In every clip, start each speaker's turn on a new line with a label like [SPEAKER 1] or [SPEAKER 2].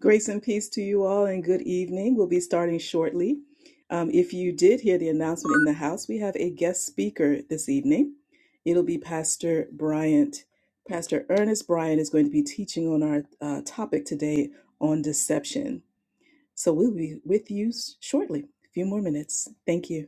[SPEAKER 1] Grace and peace to you all, and good evening. We'll be starting shortly. Um, if you did hear the announcement in the house, we have a guest speaker this evening. It'll be Pastor Bryant. Pastor Ernest Bryant is going to be teaching on our uh, topic today on deception. So we'll be with you s- shortly, a few more minutes. Thank you.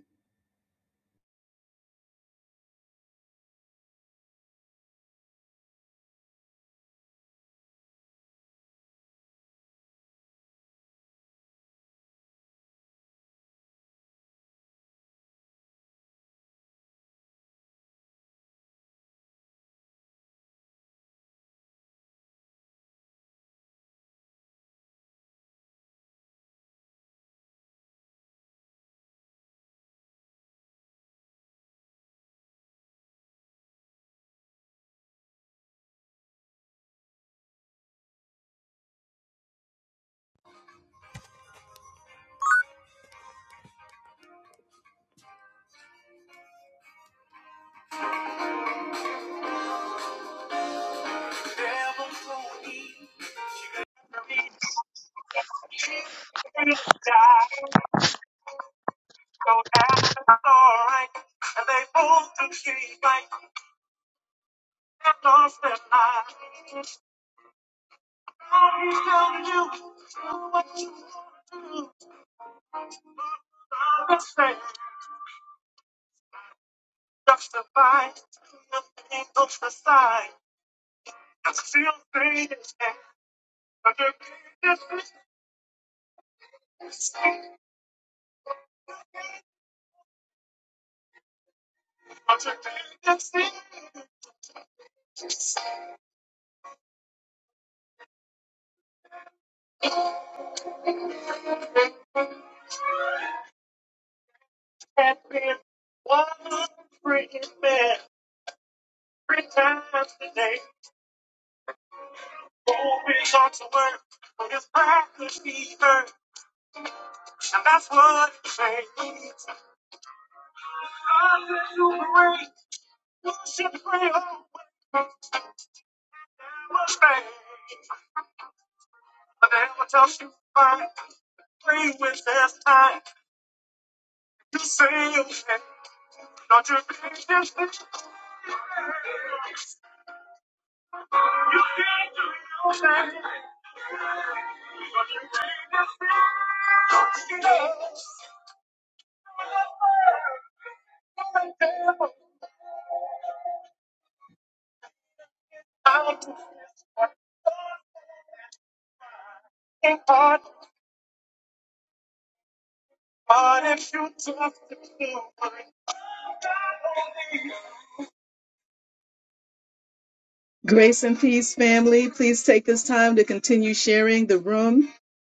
[SPEAKER 1] Grace and peace, family. Please take this time to continue sharing the room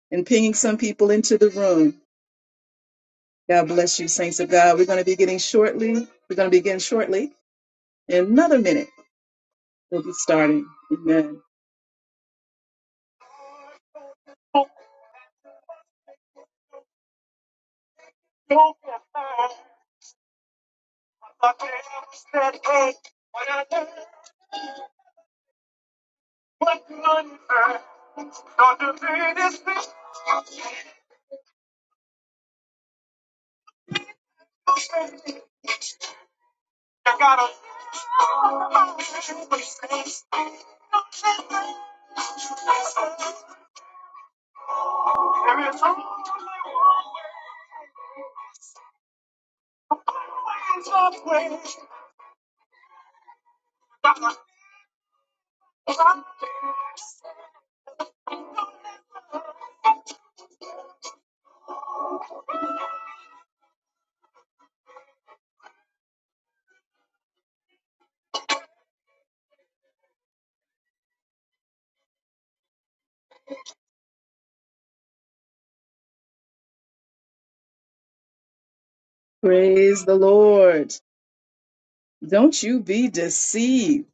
[SPEAKER 1] and pinging some people into the room. God bless you, saints of God. We're going to be getting shortly. We're going to begin shortly. In another minute, we'll be starting. Amen. Praise the Lord. Don't you be deceived.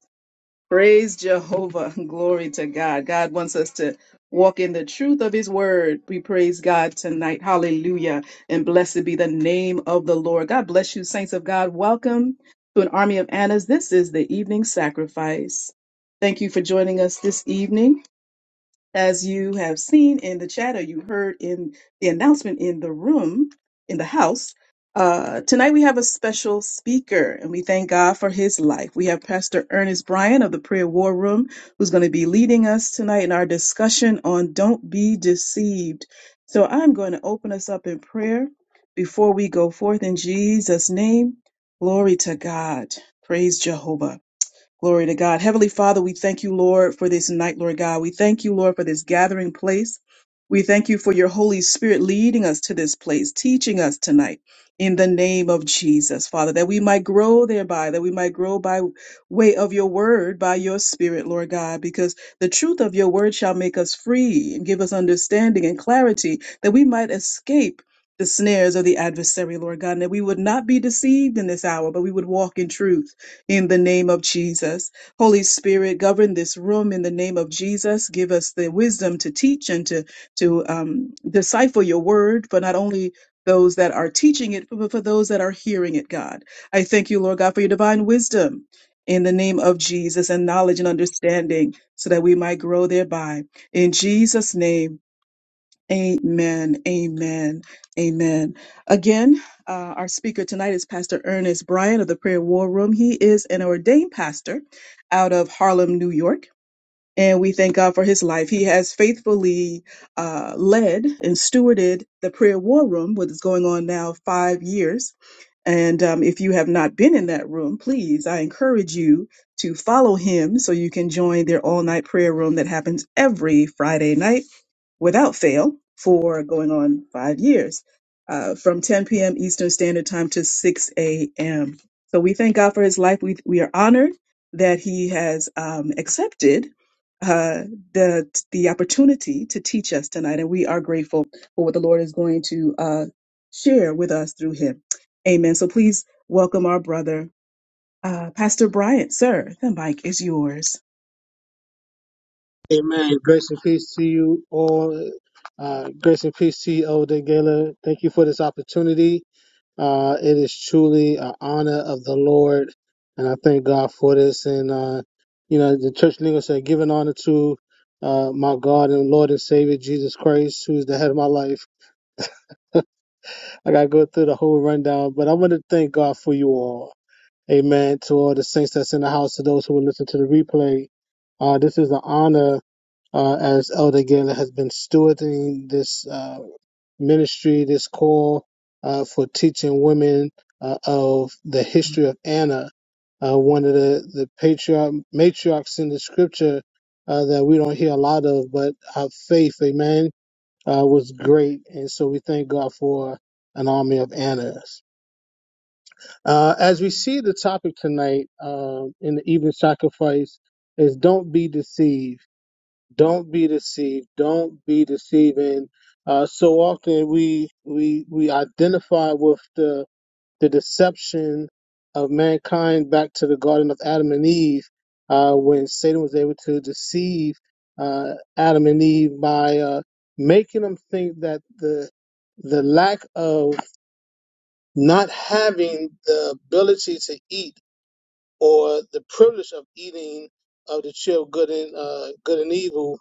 [SPEAKER 1] Praise Jehovah. Glory to God. God wants us to walk in the truth of his word. We praise God tonight. Hallelujah. And blessed be the name of the Lord. God bless you, saints of God. Welcome to an army of Annas. This is the evening sacrifice. Thank you for joining us this evening. As you have seen in the chat or you heard in the announcement in the room, in the house, uh, tonight we have a special speaker and we thank God for his life. We have Pastor Ernest Bryan of the Prayer War Room who's going to be leading us tonight in our discussion on Don't Be Deceived. So I'm going to open us up in prayer before we go forth in Jesus' name. Glory to God. Praise Jehovah. Glory to God. Heavenly Father, we thank you, Lord, for this night, Lord God. We thank you, Lord, for this gathering place. We thank you for your Holy Spirit leading us to this place, teaching us tonight in the name of Jesus, Father, that we might grow thereby, that we might grow by way of your word, by your spirit, Lord God, because the truth of your word shall make us free and give us understanding and clarity that we might escape the snares of the adversary, Lord God, and that we would not be deceived in this hour, but we would walk in truth in the name of Jesus. Holy Spirit, govern this room in the name of Jesus. Give us the wisdom to teach and to, to um, decipher your word for not only those that are teaching it, but for those that are hearing it, God. I thank you, Lord God, for your divine wisdom in the name of Jesus and knowledge and understanding so that we might grow thereby. In Jesus' name, Amen. Amen. Amen. Again, uh, our speaker tonight is Pastor Ernest Bryan of the Prayer War Room. He is an ordained pastor out of Harlem, New York. And we thank God for his life. He has faithfully uh, led and stewarded the prayer war room, what is going on now five years. And um, if you have not been in that room, please, I encourage you to follow him so you can join their all night prayer room that happens every Friday night without fail for going on five years uh, from 10 p.m. Eastern Standard Time to 6 a.m. So we thank God for his life. We, we are honored that he has um, accepted uh, the the opportunity to teach us tonight, and we are grateful for what the Lord is going to uh, share with us through him. Amen. So please welcome our brother, uh, Pastor Bryant. Sir, the mic is yours.
[SPEAKER 2] Amen. Grace and peace to you all. Uh, grace and peace to you, Elder Gaylor. Thank you for this opportunity. Uh, it is truly an honor of the Lord, and I thank God for this. And uh, you know, the church leader said, "Giving honor to uh, my God and Lord and Savior Jesus Christ, who is the head of my life." I gotta go through the whole rundown, but I want to thank God for you all. Amen. To all the saints that's in the house, to those who will listen to the replay, uh, this is an honor uh, as Elder Gaylor has been stewarding this uh, ministry, this call uh, for teaching women uh, of the history of Anna, uh, one of the, the patriarch, matriarchs in the scripture uh, that we don't hear a lot of, but her faith, amen, uh, was great. And so we thank God for an army of Annas. Uh, as we see the topic tonight um in the evening sacrifice is don't be deceived don't be deceived. Don't be deceiving. Uh, so often we we we identify with the the deception of mankind back to the Garden of Adam and Eve, uh, when Satan was able to deceive uh, Adam and Eve by uh, making them think that the the lack of not having the ability to eat or the privilege of eating of the tree of good and uh, good and evil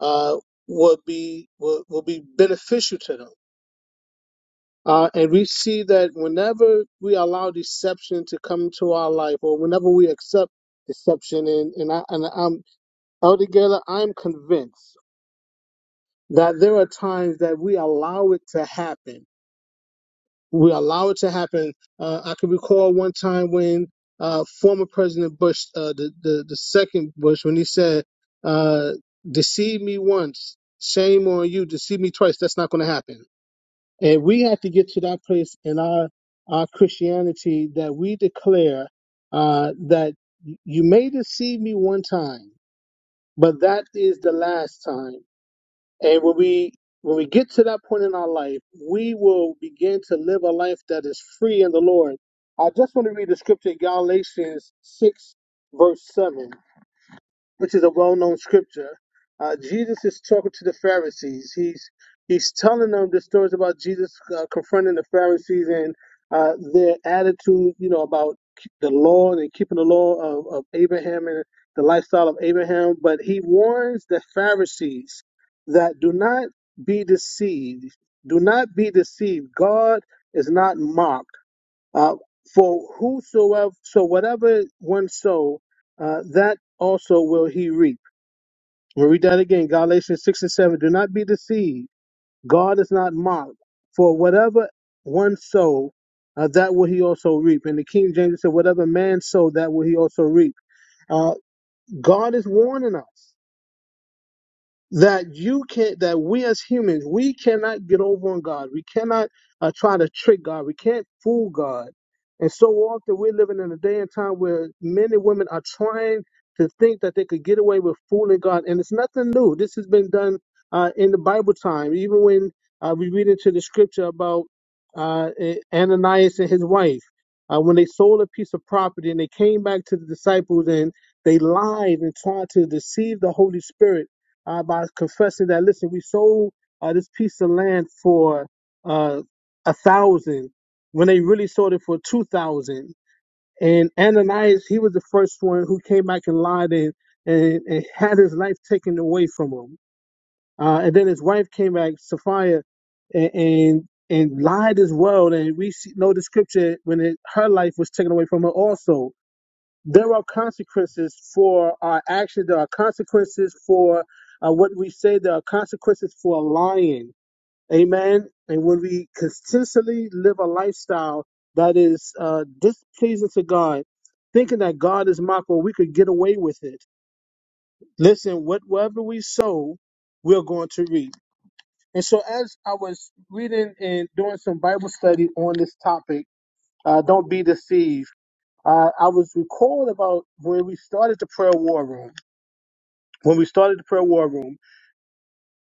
[SPEAKER 2] uh, will be will, will be beneficial to them. Uh, and we see that whenever we allow deception to come into our life, or whenever we accept deception, and and I and I'm altogether, I'm convinced that there are times that we allow it to happen. We allow it to happen. Uh, I can recall one time when uh, former President Bush, uh, the, the the second Bush, when he said, uh, "Deceive me once, shame on you. Deceive me twice. That's not going to happen." And we have to get to that place in our our Christianity that we declare uh, that you may deceive me one time, but that is the last time. And when we when we get to that point in our life, we will begin to live a life that is free in the Lord. I just want to read the scripture, Galatians six, verse seven which is a well-known scripture. Uh, Jesus is talking to the Pharisees. He's he's telling them the stories about Jesus uh, confronting the Pharisees and uh, their attitude, you know, about k- the law and keeping the law of, of Abraham and the lifestyle of Abraham. But he warns the Pharisees that do not be deceived. Do not be deceived. God is not mocked uh, for whosoever, so whatever one sow, uh, that also will he reap. We'll read that again, Galatians 6 and 7. Do not be deceived. God is not mocked. For whatever one sow, uh, that will he also reap. And the King James said, whatever man sow, that will he also reap. Uh, God is warning us. that you can not that we as humans we cannot get over on god we cannot uh, try to trick god we can't fool god and so often we're living in a day and time where men and women are trying to think that they could get away with fooling god and it's nothing new this has been done uh, in the bible time even when uh, we read into the scripture about uh, ananias and his wife uh, when they sold a piece of property and they came back to the disciples and they lied and tried to deceive the holy spirit uh, by confessing that, listen, we sold uh, this piece of land for uh, a thousand when they really sold it for two thousand. And Ananias, he was the first one who came back and lied and, and, and had his life taken away from him. Uh, and then his wife came back, Sapphira, and, and and lied as well. And we see, know the scripture when it, her life was taken away from her also there are consequences for our actions. There are consequences for uh, what we say. There are consequences for lying. Amen. And when we consistently live a lifestyle that is uh, displeasing to God, thinking that God is mockful, we could get away with it. Listen, whatever we sow, we're going to reap. And so, as I was reading and doing some Bible study on this topic, uh, don't be deceived uh, I was recalled about when we started the prayer war room. When we started the prayer war room,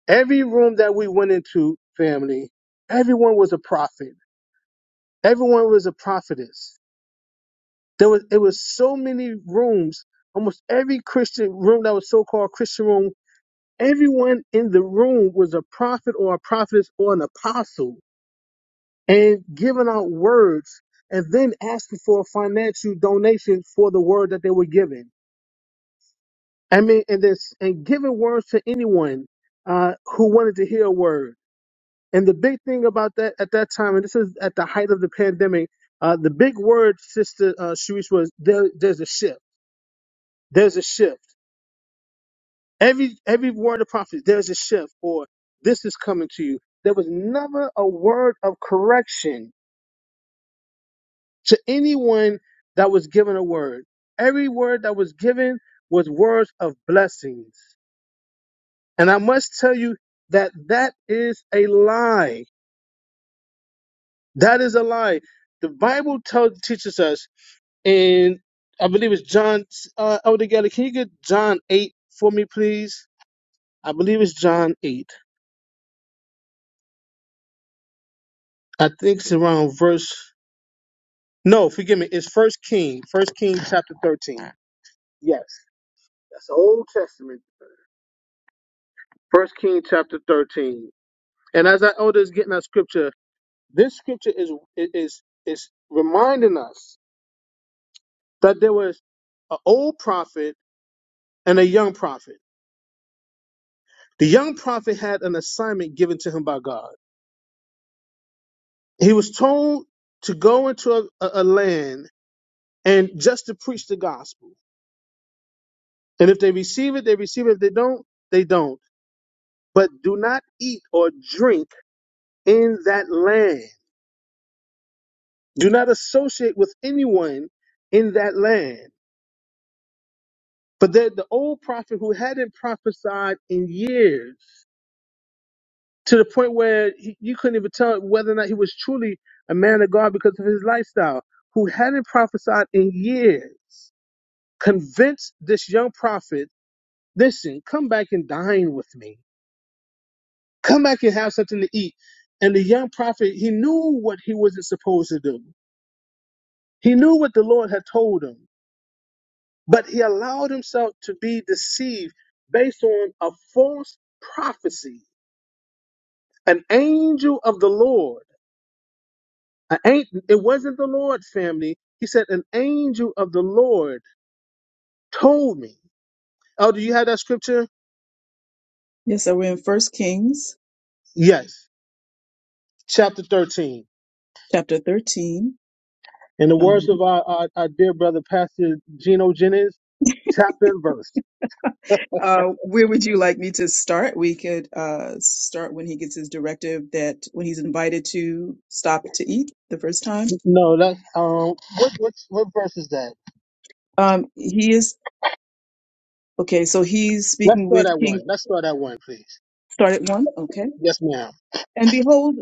[SPEAKER 2] every room that we went into, family, everyone was a prophet. Everyone was a prophetess. There was it was so many rooms. Almost every Christian room that was so-called Christian room, everyone in the room was a prophet or a prophetess or an apostle, and giving out words, and then asking for a financial donation for the word that they were giving. I mean, and this and giving words to anyone uh, who wanted to hear a word. And the big thing about that at that time, and this is at the height of the pandemic, uh, the big word, Sister uh, Sharice, was there, there's a shift. There's a shift. Every every word of prophecy, there's a shift, or this is coming to you. There was never a word of correction to anyone that was given a word. Every word that was given was words of blessings And I must tell you that that is a lie. That is a lie. The Bible tell, teaches us in, I believe it's John, uh, Elder Geller, can you get John 8 for me, please? I believe it's John 8. I think it's around verse, no, forgive me, it's First King, First King chapter 13. Yes, that's the Old Testament. First King chapter 13. And as our elder is getting that scripture, this scripture is, is, is reminding us that there was an old prophet and a young prophet. The young prophet had an assignment given to him by God. He was told to go into a, a, a land and just to preach the gospel. And if they receive it, they receive it. If they don't, they don't. But do not eat or drink in that land. Do not associate with anyone in that land. But the, the old prophet who hadn't prophesied in years to the point where he, you couldn't even tell whether or not he was truly a man of God because of his lifestyle, who hadn't prophesied in years, convinced this young prophet, listen, come back and dine with me. Come back and have something to eat. And the young prophet, he knew what he wasn't supposed to do. He knew what the Lord had told him, but he allowed himself to be deceived based on a false prophecy, an angel of the Lord I ain't, it wasn't the Lord's family. He said, an angel of the Lord told me. Oh, do you have that scripture?
[SPEAKER 1] Yes, sir. We're in First Kings
[SPEAKER 2] Yes. Chapter 13.
[SPEAKER 1] chapter 13.
[SPEAKER 2] In the
[SPEAKER 1] Um,
[SPEAKER 2] words of our, our, our dear brother, Pastor Geno Jennings, chapter and verse.
[SPEAKER 1] Uh, where would you like me to start? We could uh, start when he gets his directive that when he's invited to stop to eat the first time.
[SPEAKER 2] No, that's, um, what, what, what verse is that?
[SPEAKER 1] Um, he is, okay, so he's
[SPEAKER 2] Let's
[SPEAKER 1] speaking
[SPEAKER 2] start
[SPEAKER 1] with
[SPEAKER 2] at one.
[SPEAKER 1] King,
[SPEAKER 2] Let's start at one, please.
[SPEAKER 1] start at one, okay.
[SPEAKER 2] Yes, ma'am.
[SPEAKER 1] And behold.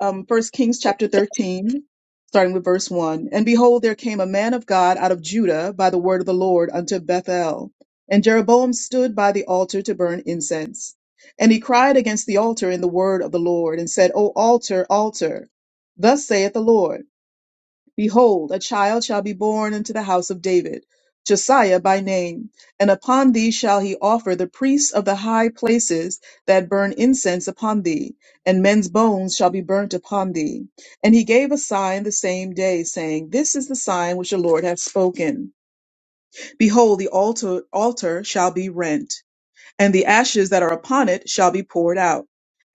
[SPEAKER 1] um, 1 Kings chapter 13, starting with verse 1. And behold, there came a man of God out of Judah by the word of the Lord unto Bethel. And Jeroboam stood by the altar to burn incense. And he cried against the altar in the word of the Lord, and said, O altar, altar, thus saith the Lord. Behold, a child shall be born unto the house of David, Josiah by name, and upon thee shall he offer the priests of the high places that burn incense upon thee, and men's bones shall be burnt upon thee. And he gave a sign the same day, saying, This is the sign which the Lord hath spoken. Behold, the altar, altar shall be rent and the ashes that are upon it shall be poured out.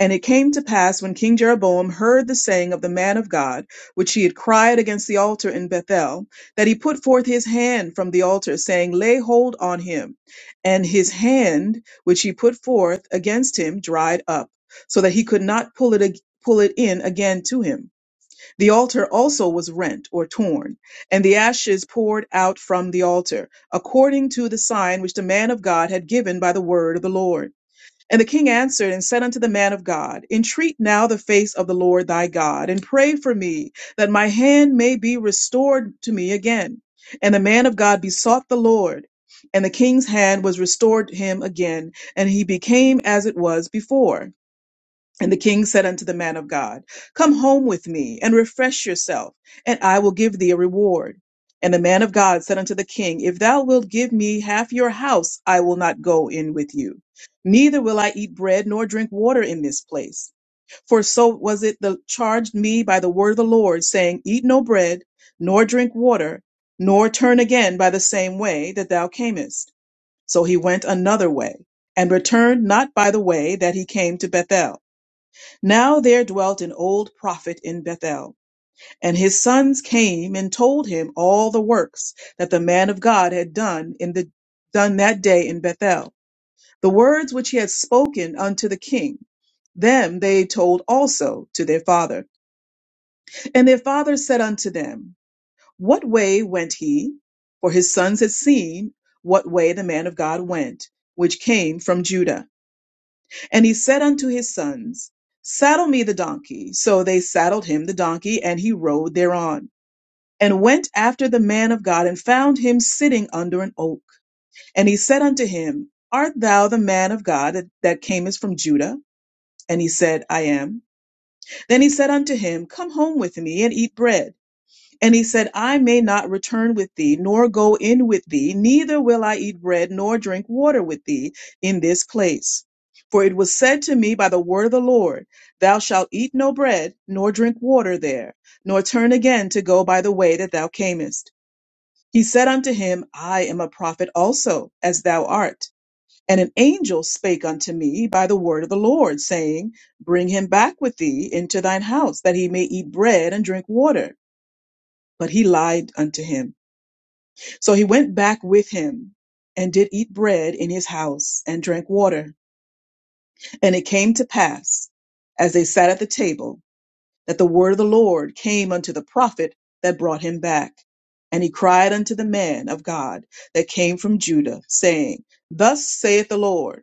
[SPEAKER 1] And it came to pass when King Jeroboam heard the saying of the man of God, which he had cried against the altar in Bethel, that he put forth his hand from the altar, saying, Lay hold on him. And his hand, which he put forth against him, dried up, so that he could not pull it, ag- pull it in again to him. The altar also was rent or torn, and the ashes poured out from the altar, according to the sign which the man of God had given by the word of the Lord. And the king answered and said unto the man of God, Entreat now the face of the Lord thy God, and pray for me, that my hand may be restored to me again. And the man of God besought the Lord, and the king's hand was restored him again, and he became as it was before. And the king said unto the man of God, Come home with me and refresh yourself, and I will give thee a reward. And the man of God said unto the king, If thou wilt give me half your house, I will not go in with you. Neither will I eat bread nor drink water in this place. For so was it the charged me by the word of the Lord, saying, Eat no bread, nor drink water, nor turn again by the same way that thou camest. So he went another way, and returned not by the way that he came to Bethel. Now there dwelt an old prophet in Bethel, and his sons came and told him all the works that the man of God had done in the done that day in Bethel, the words which he had spoken unto the king. Them they told also to their father. And their father said unto them, What way went he? For his sons had seen what way the man of God went, which came from Judah and he said unto his sons, Saddle me the donkey. So they saddled him the donkey, and he rode thereon, and went after the man of God, and found him sitting under an oak. And he said unto him, Art thou the man of God that that camest from Judah? And he said, I am. Then he said unto him, Come home with me and eat bread. And he said, I may not return with thee, nor go in with thee, neither will I eat bread nor drink water with thee in this place. For it was said to me by the word of the Lord, Thou shalt eat no bread, nor drink water there, nor turn again to go by the way that thou camest. He said unto him, I am a prophet also, as thou art. And an angel spake unto me by the word of the Lord, saying, Bring him back with thee into thine house, that he may eat bread and drink water. But he lied unto him. So he went back with him and did eat bread in his house and drank water. And it came to pass, as they sat at the table, that the word of the Lord came unto the prophet that brought him back. And he cried unto the man of God that came from Judah, saying, Thus saith the Lord.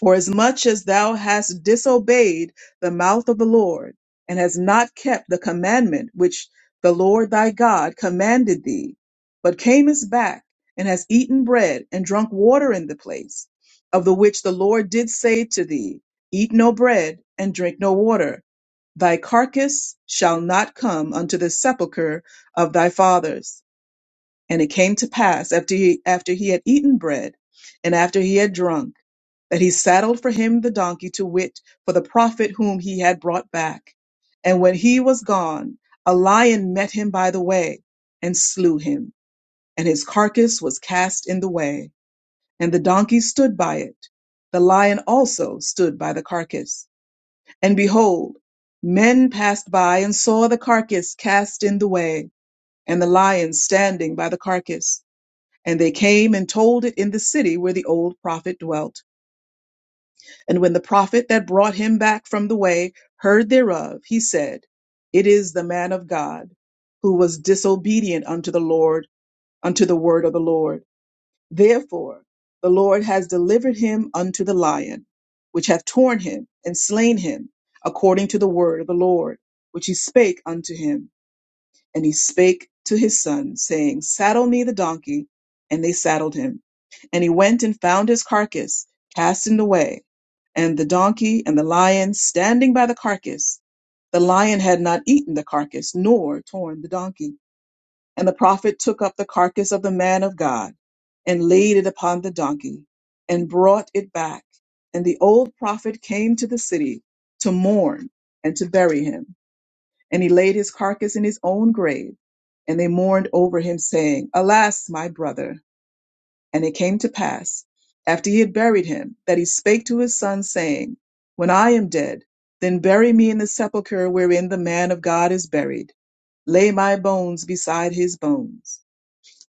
[SPEAKER 1] For as much as thou hast disobeyed the mouth of the Lord, and hast not kept the commandment which the Lord thy God commanded thee, but camest back, and hast eaten bread and drunk water in the place, of the which the Lord did say to thee, Eat no bread and drink no water, thy carcass shall not come unto the sepulchre of thy fathers. And it came to pass after he, after he had eaten bread, and after he had drunk, that he saddled for him the donkey to wit for the prophet whom he had brought back. And when he was gone, a lion met him by the way and slew him, and his carcass was cast in the way, and the donkey stood by it. The lion also stood by the carcass. And behold, men passed by and saw the carcass cast in the way, and the lion standing by the carcass. And they came and told it in the city where the old prophet dwelt. And when the prophet that brought him back from the way heard thereof, he said, It is the man of God who was disobedient unto the Lord, unto the word of the Lord. Therefore, the Lord has delivered him unto the lion, which hath torn him and slain him, according to the word of the Lord, which he spake unto him. And he spake to his son, saying, Saddle me the donkey. And they saddled him. And he went and found his carcass cast in the way, and the donkey and the lion standing by the carcass. The lion had not eaten the carcass, nor torn the donkey. And the prophet took up the carcass of the man of God, and laid it upon the donkey, and brought it back. And the old prophet came to the city to mourn and to bury him. And he laid his carcass in his own grave. And they mourned over him, saying, Alas, my brother! And it came to pass, after he had buried him, that he spake to his son, saying, When I am dead, then bury me in the sepulchre wherein the man of God is buried. Lay my bones beside his bones.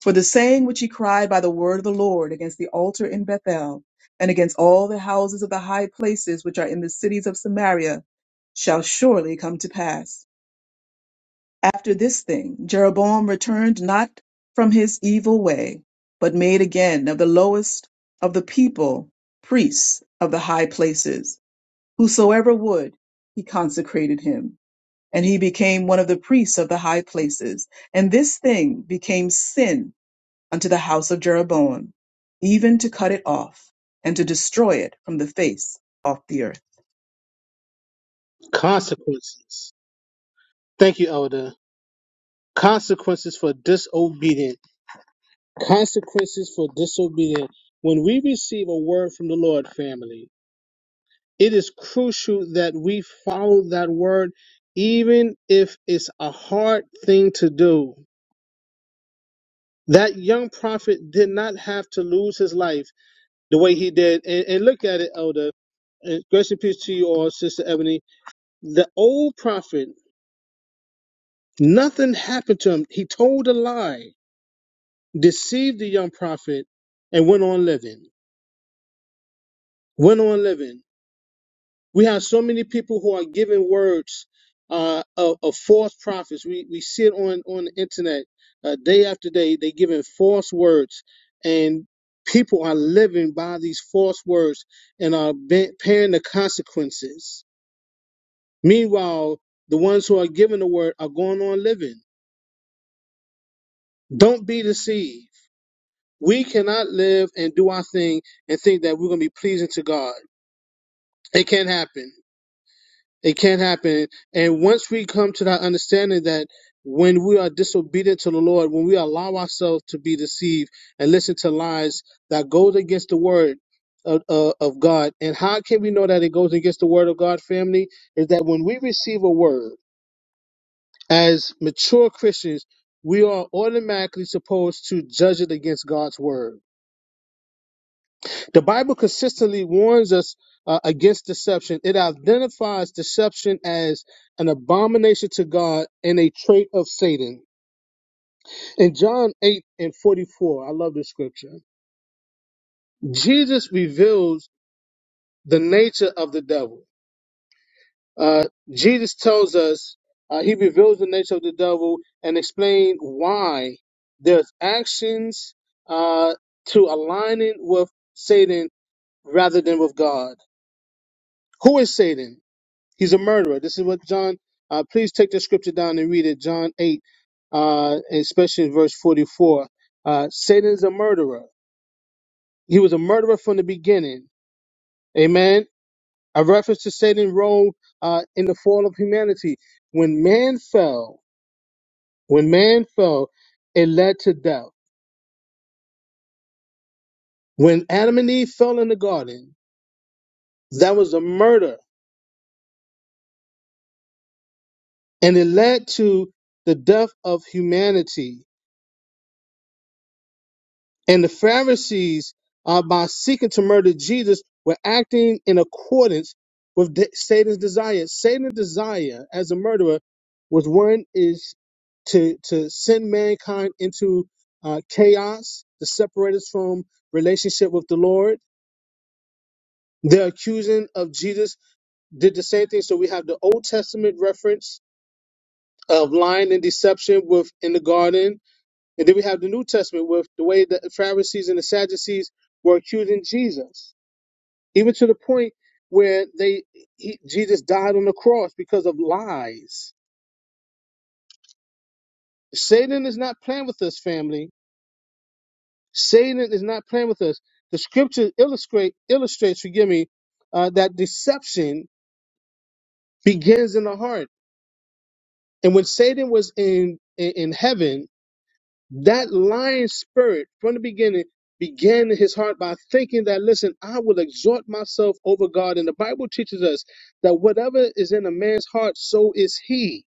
[SPEAKER 1] For the saying which he cried by the word of the Lord against the altar in Bethel, and against all the houses of the high places which are in the cities of Samaria, shall surely come to pass. After this thing Jeroboam returned not from his evil way, but made again of the lowest of the people priests of the high places. Whosoever would, he consecrated him, and he became one of the priests of the high places. And this thing became sin unto the house of Jeroboam, even to cut it off, and to destroy it from the face of the earth.
[SPEAKER 2] Consequences. Thank you, Elder. Consequences for disobedient. Consequences for disobedient. When we receive a word from the Lord, family, It is crucial that we follow that word, even if it's a hard thing to do. That young prophet did not have to lose his life the way he did. And, and look at it, Elder. And grace and peace to you all, Sister Ebony. The old prophet, nothing happened to him. He told a lie, deceived the young prophet, and went on living. Went on living. We have so many people who are giving words uh, of, of false prophets. We we see it on on the internet uh, day after day. They giving false words, and people are living by these false words and are be- paying the consequences. Meanwhile, the ones who are giving the word are going on living. Don't be deceived. We cannot live and do our thing and think that we're going to be pleasing to God. It can't happen. It can't happen. And once we come to that understanding that when we are disobedient to the Lord, when we allow ourselves to be deceived and listen to lies that goes against the word of, uh, of God, and how can we know that it goes against the word of God, family? Is that when we receive a word as mature Christians, we are automatically supposed to judge it against God's word the Bible consistently warns us uh, against deception. It identifies deception as an abomination to God and a trait of Satan. In John 8 and 44, I love this scripture. Jesus reveals the nature of the devil. Uh, Jesus tells us, uh, he reveals the nature of the devil and explains why there's actions uh, to aligning with Satan rather than with God. Who is Satan? He's a murderer. This is what John, uh, please take the scripture down and read it. John 8, uh, especially verse 44. Uh, Satan's a murderer. He was a murderer from the beginning. Amen. A reference to Satan role uh, in the fall of humanity. When man fell, when man fell, it led to death. When Adam and Eve fell in the garden, that was a murder and it led to the death of humanity. and the Pharisees, uh, by seeking to murder Jesus, were acting in accordance with de- Satan's desire. Satan's desire as a murderer was one is to to send mankind into uh, chaos, to separate us from relationship with the Lord. The accusing of Jesus did the same thing. So we have the Old Testament reference of lying and deception within the garden and then we have the New Testament with the way that the Pharisees and the Sadducees were accusing Jesus, even to the point where they he, Jesus died on the cross because of lies. Satan is not playing with us, family. Satan is not playing with us. The scripture illustrate illustrates, forgive me, uh, that deception begins in the heart. And when Satan was in in, in heaven, That lying spirit from the beginning began in his heart by thinking that, listen, I will exhort myself over God. And the Bible teaches us that whatever is in a man's heart, so is he.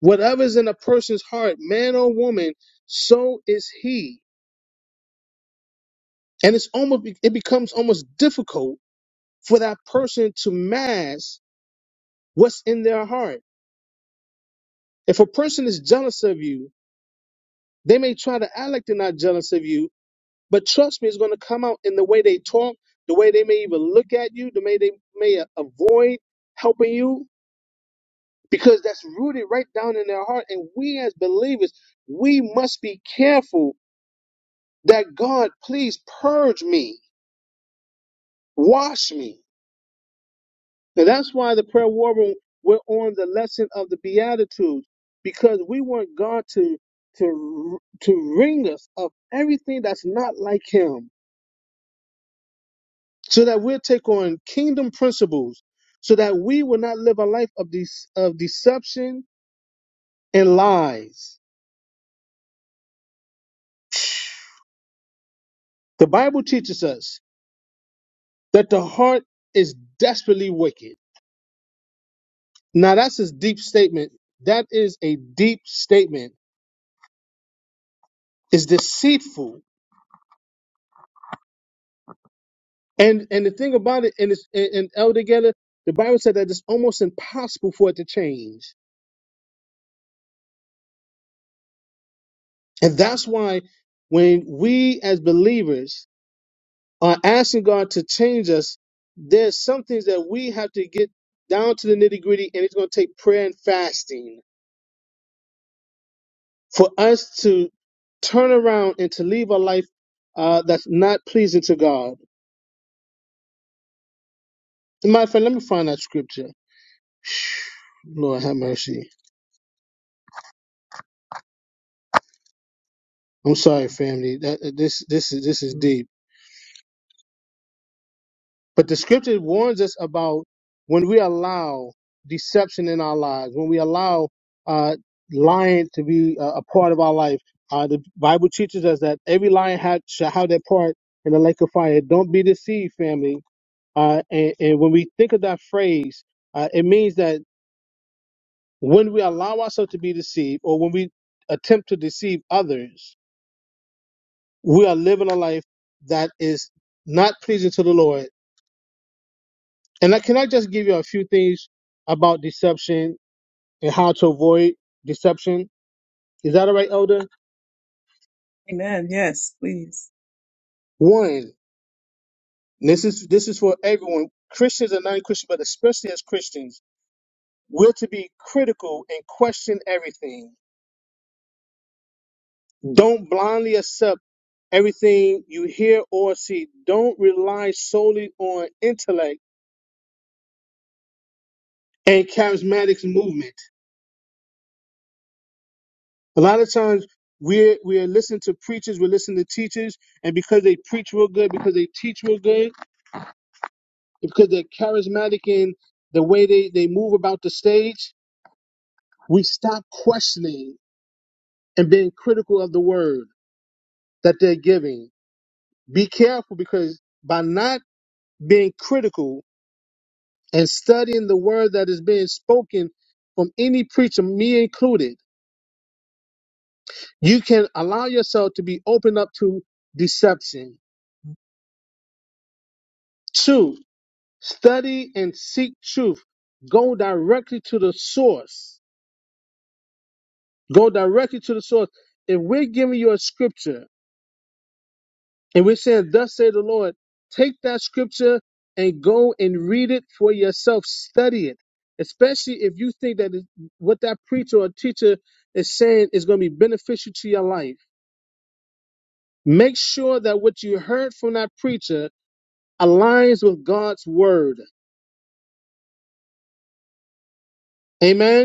[SPEAKER 2] Whatever is in a person's heart, man or woman, so is he. And it's almost, it becomes almost difficult for that person to mask what's in their heart. If a person is jealous of you, they may try to act like they're not jealous of you, But trust me, it's going to come out in the way they talk, the way they may even look at you, the way they may a- avoid helping you, because that's rooted right down in their heart. And we as believers, we must be careful that God, please purge me, wash me. And that's why the prayer war room, we're on the lesson of the Beatitudes, because we want God to to to wring us of everything that's not like Him so that we'll take on kingdom principles, so that we will not live a life of these of deception and lies. The Bible teaches us that the heart is desperately wicked. Now that's a deep statement. That is a deep statement. It's deceitful. And and the thing about it, and it's and, and Elder Geller, the Bible said that it's almost impossible for it to change. And that's why when we as believers are asking God to change us, there's some things that we have to get down to the nitty gritty, and it's going to take prayer and fasting for us to turn around and to live a life uh, that's not pleasing to God. My friend, let me find that scripture. Lord have mercy. I'm sorry, family. That this this is this is deep. But the scripture warns us about when we allow deception in our lives, when we allow uh, lying to be a, a part of our life. Uh, the Bible teaches us that every lion ha- shall have their part in the lake of fire. Don't be deceived, family. Uh, and, and when we think of that phrase, uh, it means that when we allow ourselves to be deceived or when we attempt to deceive others, we are living a life that is not pleasing to the Lord And I, can I just give you a few things about deception and how to avoid deception? Is that all right, Elder?
[SPEAKER 1] Amen. Yes, please.
[SPEAKER 2] One, this is this is for everyone, Christians and non-Christians, but especially as Christians, we're to be critical and question everything. Don't blindly accept everything you hear or see. Don't rely solely on intellect and charismatic movement. A lot of times we're we're listening to preachers, we're listening to teachers, and because they preach real good, because they teach real good, because they're charismatic in the way they, they move about the stage, we stop questioning and being critical of the word that they're giving. Be careful because by not being critical and studying the word that is being spoken from any preacher, me included, you can allow yourself to be open up to deception. Two, Study and seek truth. Go directly to the source. Go directly to the source. If we're giving you a scripture and we're saying, Thus say the Lord, take that scripture and go and read it for yourself. Study it. Especially if you think that it- what that preacher or teacher is saying is going to be beneficial to your life. Make sure that what you heard from that preacher aligns with God's word. Amen.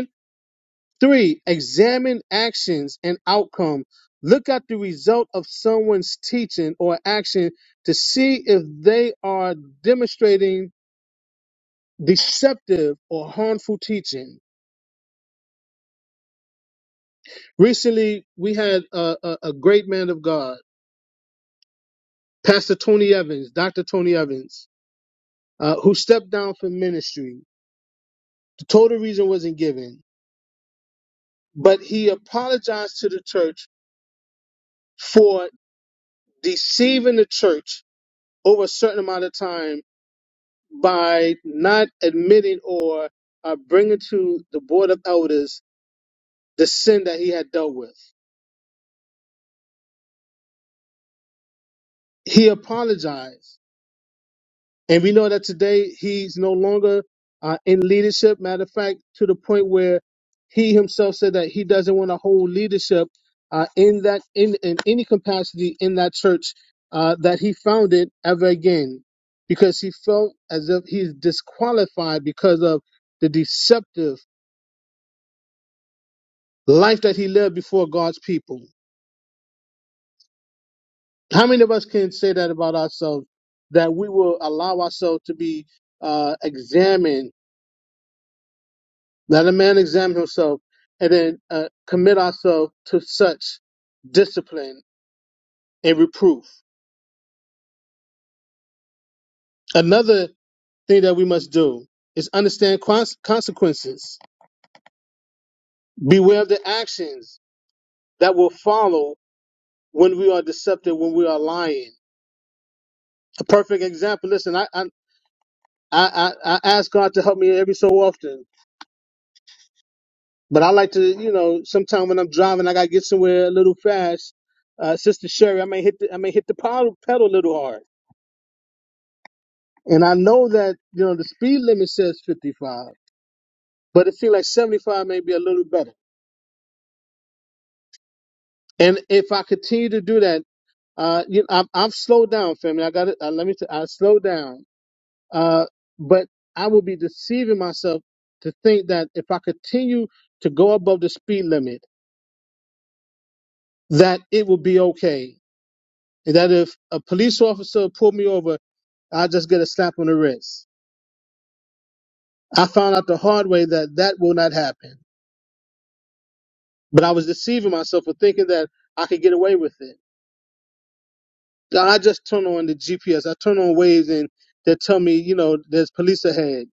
[SPEAKER 2] Three, examine actions and outcome. Look at the result of someone's teaching or action to see if they are demonstrating deceptive or harmful teaching. Recently, we had a, a, a great man of God, Pastor Tony Evans, Dr. Tony Evans, uh, who stepped down from ministry. The total reason wasn't given, but he apologized to the church for deceiving the church over a certain amount of time by not admitting or uh, bringing to the board of elders the sin that he had dealt with. He apologized, and we know that today he's no longer uh, in leadership. Matter of fact, to the point where he himself said that he doesn't want to hold leadership uh, in that in, in any capacity in that church uh, that he founded ever again, because he felt as if he's disqualified because of the deceptive life that he lived before God's people. How many of us can say that about ourselves? That we will allow ourselves to be uh, examined, let a man examine himself, and then uh, commit ourselves to such discipline and reproof. Another thing that we must do is understand cons- consequences. Beware of the actions that will follow when we are deceptive, when we are lying. A perfect example. Listen, I I I, I I ask God to help me every so often But I like to, you know, sometime when I'm driving, I gotta get somewhere a little fast. Uh, Sister Sherry, I may hit the I may hit the pedal, pedal a little hard, and I know that you know the speed limit says 55, but it seems like 75 may be a little better. And if I continue to do that, uh, you know, I'm, I'm slowed down, family. I got it. Uh, let me. T- I slow down. Uh, but I will be deceiving myself to think that if I continue to go above the speed limit, that it will be okay is that if a police officer pulled me over, I just get a slap on the wrist. I found out the hard way that that will not happen. But I was deceiving myself for thinking that I could get away with it. I just turn on the GPS. I turn on waves and they tell me, you know, there's police ahead.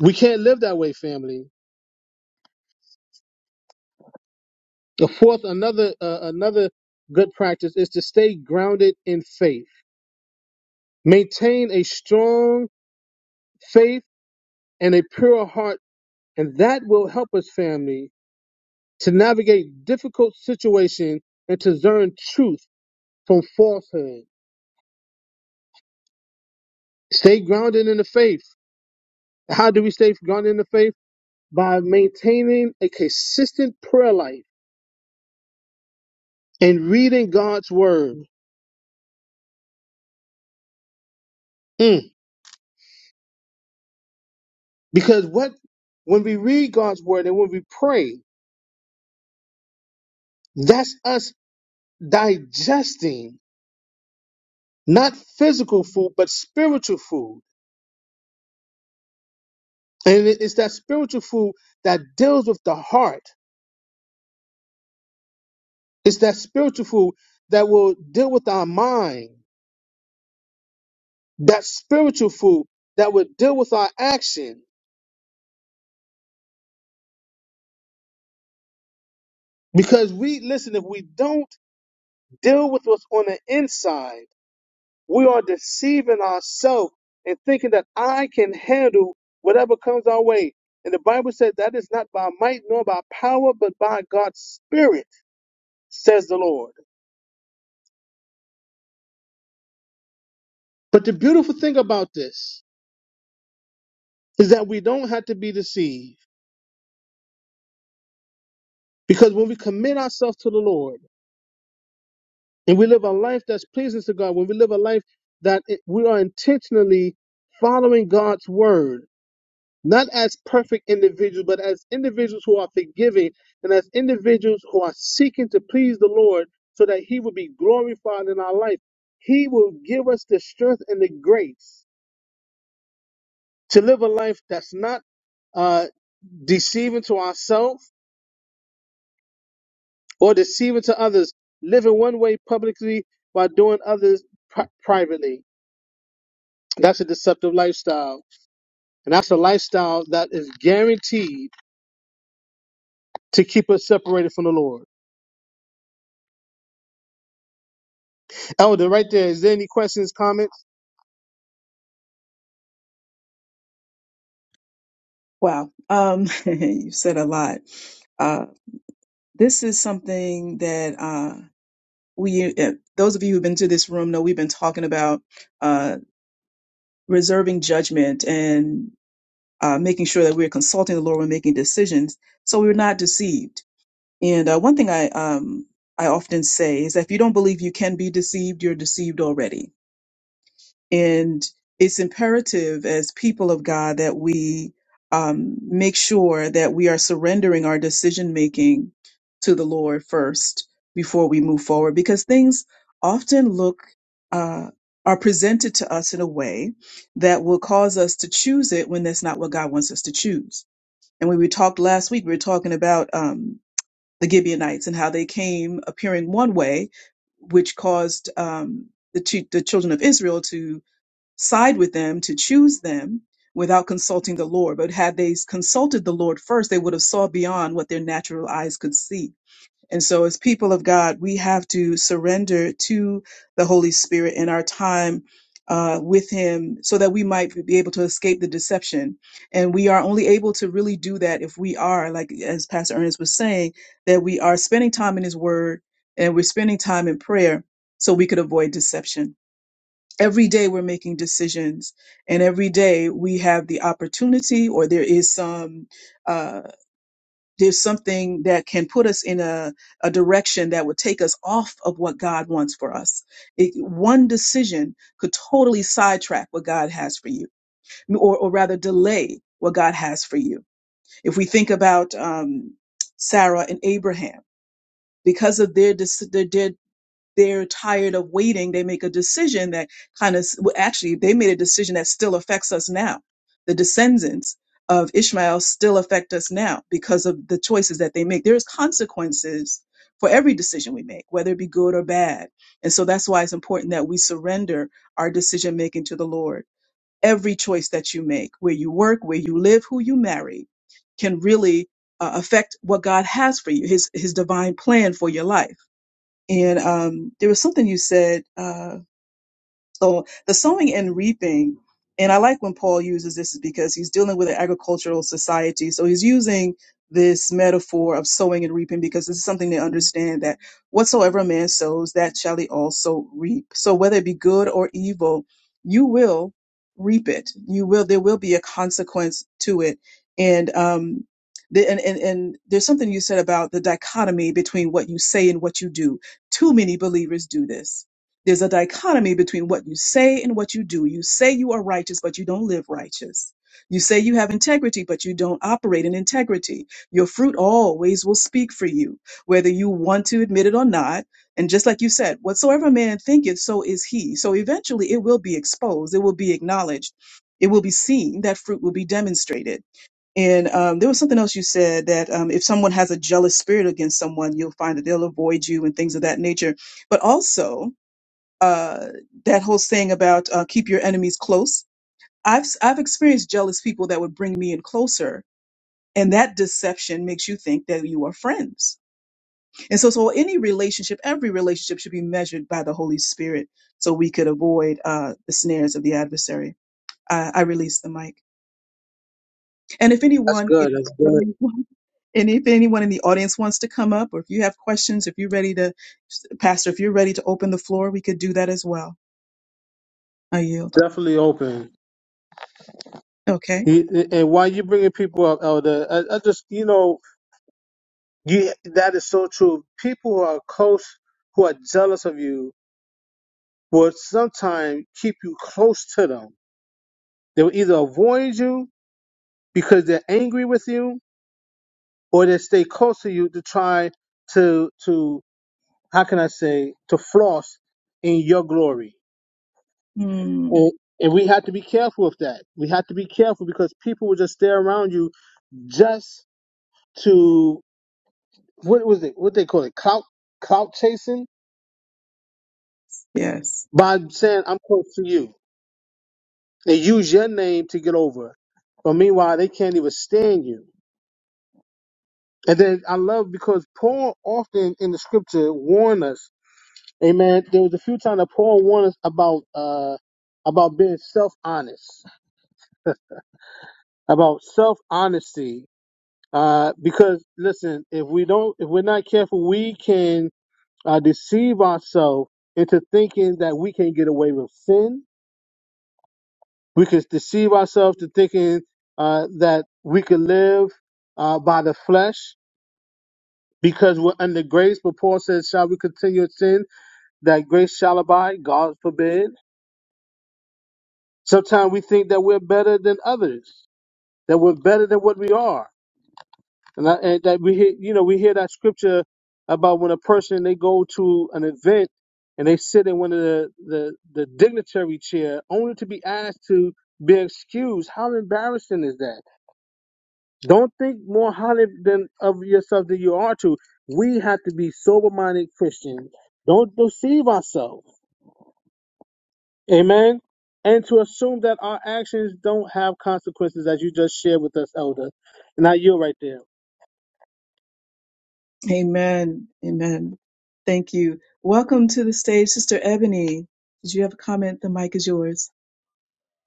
[SPEAKER 2] We can't live that way, family. The fourth, another, uh, another good practice is to stay grounded in faith. Maintain a strong faith and a pure heart, and that will help us, family, to navigate difficult situations and to discern truth from falsehood. Stay grounded in the faith. How do we stay grounded in the faith? By maintaining a consistent prayer life and reading God's word. Mm. Because what when we read God's word and when we pray, that's us digesting not physical food but spiritual food. And it's that spiritual food that deals with the heart It's that spiritual food that will deal with our mind. That spiritual food that will deal with our action. Because we, listen, if we don't deal with what's on the inside, we are deceiving ourselves and thinking that I can handle whatever comes our way. And the Bible says that is not by might nor by power, but by God's Spirit, says the Lord. But the beautiful thing about this is that we don't have to be deceived. Because when we commit ourselves to the Lord, And we live a life that's pleasing to God, when we live a life that it- we are intentionally following God's word, not as perfect individuals, but as individuals who are forgiving and as individuals who are seeking to please the Lord so that He will be glorified in our life, He will give us the strength and the grace to live a life that's not uh, deceiving to ourselves or deceiving to others, living one way publicly while doing others pri- privately. That's a deceptive lifestyle. And that's a lifestyle that is guaranteed to keep us separated from the Lord. Elder, right there, is there any questions, comments?
[SPEAKER 1] Wow. Um, you said a lot. Uh, this is something that uh, we, uh, those of you who've been to this room, know we've been talking about uh, reserving judgment and uh, making sure that we're consulting the Lord when making decisions so we're not deceived. And uh, one thing I um, I often say is that if you don't believe you can be deceived, you're deceived already. And it's imperative as people of God that we um, make sure that we are surrendering our decision making to the Lord first before we move forward, because things often look uh, are presented to us in a way that will cause us to choose it when that's not what God wants us to choose. And when we talked last week, we were talking about. Um, the Gibeonites and how they came appearing one way, which caused um, the, chi- the children of Israel to side with them, to choose them without consulting the Lord. But had they consulted the Lord first, they would have saw beyond what their natural eyes could see and so, as people of God, we have to surrender to the Holy Spirit in our time uh, with Him so that we might be able to escape the deception. And we are only able to really do that if we are, like as Pastor Ernest was saying, that we are spending time in His Word and we're spending time in prayer so we could avoid deception. Every day we're making decisions, and every day we have the opportunity, or there is some. uh, there's something that can put us in a, a direction that would take us off of what God wants for us. It, one decision could totally sidetrack what God has for you, or, or rather delay what God has for you. If we think about um, Sarah and Abraham, because of their, dec- their, their they're tired of waiting, they make a decision that kind of, well, actually, they made a decision that still affects us now. The descendants of Ishmael still affect us now because of the choices that they make. There's consequences for every decision we make, whether it be good or bad. And so that's why it's important that we surrender our decision making to the Lord. Every choice that you make, where you work, where you live, who you marry, can really uh, affect what God has for you, His His divine plan for your life. And um, there was something you said. Uh, so the sowing and reaping, and I like when Paul uses this is because he's dealing with an agricultural society. So he's using this metaphor of sowing and reaping because this is something they understand that whatsoever a man sows, that shall he also reap. So whether it be good or evil, you will reap it. You will. There will be a consequence to it, and um, the, and, and and there's something you said about the dichotomy between what you say and what you do. Too many believers do this there's a dichotomy between what you say and what you do. You say you are righteous, but you don't live righteous. You say you have integrity, but you don't operate in integrity. Your fruit always will speak for you, whether you want to admit it or not. And just like you said, whatsoever a man thinketh, so is he. So eventually it will be exposed, it will be acknowledged, it will be seen, that fruit will be demonstrated. And um, there was something else you said that um, if someone has a jealous spirit against someone, you'll find that they'll avoid you and things of that nature. But also, uh, that whole saying about uh, keep your enemies close. I've I've experienced jealous people that would bring me in closer, and that deception makes you think that you are friends. And so, so any relationship, every relationship should be measured by the Holy Spirit, so we could avoid uh, the snares of the adversary. I, I release the mic, and if
[SPEAKER 2] That's
[SPEAKER 1] anyone in
[SPEAKER 2] good. That's
[SPEAKER 1] the
[SPEAKER 2] good.
[SPEAKER 1] audience- and if anyone in the audience wants to come up, or if you have questions, if you're ready to, Pastor, if you're ready to open the floor, we could do that as well. I yield.
[SPEAKER 2] Definitely open.
[SPEAKER 1] Okay.
[SPEAKER 2] You- And while you're bringing people up, Elder, I, I just, you know, you, that is so true. People who are close, who are jealous of you, will sometimes keep you close to them. They will either avoid you because they're angry with you, or they stay close to you to try to to how can I say, to floss in your glory.
[SPEAKER 1] Hmm.
[SPEAKER 2] And, and we had to be careful with that. We had to be careful because people would just stare around you just to, what was it, what they call it, clout, clout chasing
[SPEAKER 1] Yes.
[SPEAKER 2] by saying, I'm close to you. They use your name to get over. But meanwhile, they can't even stand you. And then I love because Paul often in the scripture warn us, amen. There was a few times that Paul warned us about, uh, about being self honest about self honesty. Uh, because listen, if we don't, if we're not careful, we can uh, deceive ourselves into thinking that we can get away with sin. We can deceive ourselves to thinking uh, that we can live uh, by the flesh because we're under grace. But Paul says, "Shall we continue in sin that grace shall abide?" God forbid. Sometimes we think that we're better than others, that we're better than what we are And, I, and that we hear, you know, we hear that scripture about when a person they go to an event and they sit in one of the the, the dignitary chair only to be asked to be excused. How embarrassing is that? Don't think more highly than of yourself than you are to. We have to be sober minded Christians. Don't deceive ourselves. Amen. And to assume that our actions don't have consequences, as you just shared with us, Elder. And I, you right there.
[SPEAKER 1] Amen. Amen. Thank you. Welcome to the stage, Sister Ebony. Did you have a comment? The mic is yours.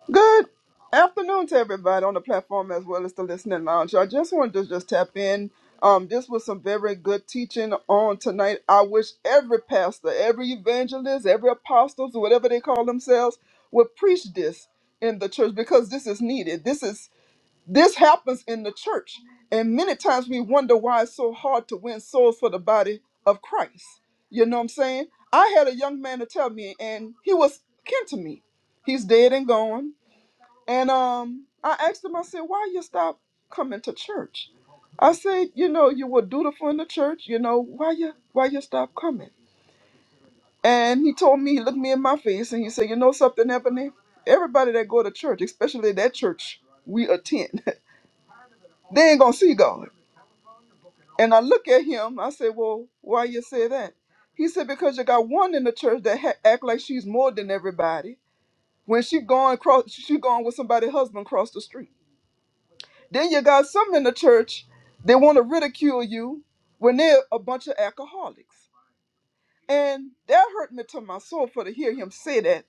[SPEAKER 3] Good afternoon to everybody on the platform as well as the listening lounge. I just wanted to just tap in. Um, this was some very good teaching on tonight. I wish every pastor, every evangelist, every apostles, whatever they call themselves, would preach this in the church because this is needed. This is this happens in the church, and many times we wonder why it's so hard to win souls for the body of Christ. You know what I'm saying? I had a young man to tell me, and he was kin to me. He's dead and gone and um, I asked him, I said, why you stop coming to church? I said, you know, you were dutiful in the church, you know, why you why you stop coming? And he told me, he looked me in my face and he said, You know something, Ebony? Everybody that go to church, especially that church we attend, they ain't gonna see God. And I look at him, I said, Well, why you say that? He said, Because you got one in the church that ha- act like she's more than everybody. When she going cross she going with somebody's husband across the street. Then you got some in the church, they want to ridicule you when they're a bunch of alcoholics. And that hurt me to my soul for to hear him say that.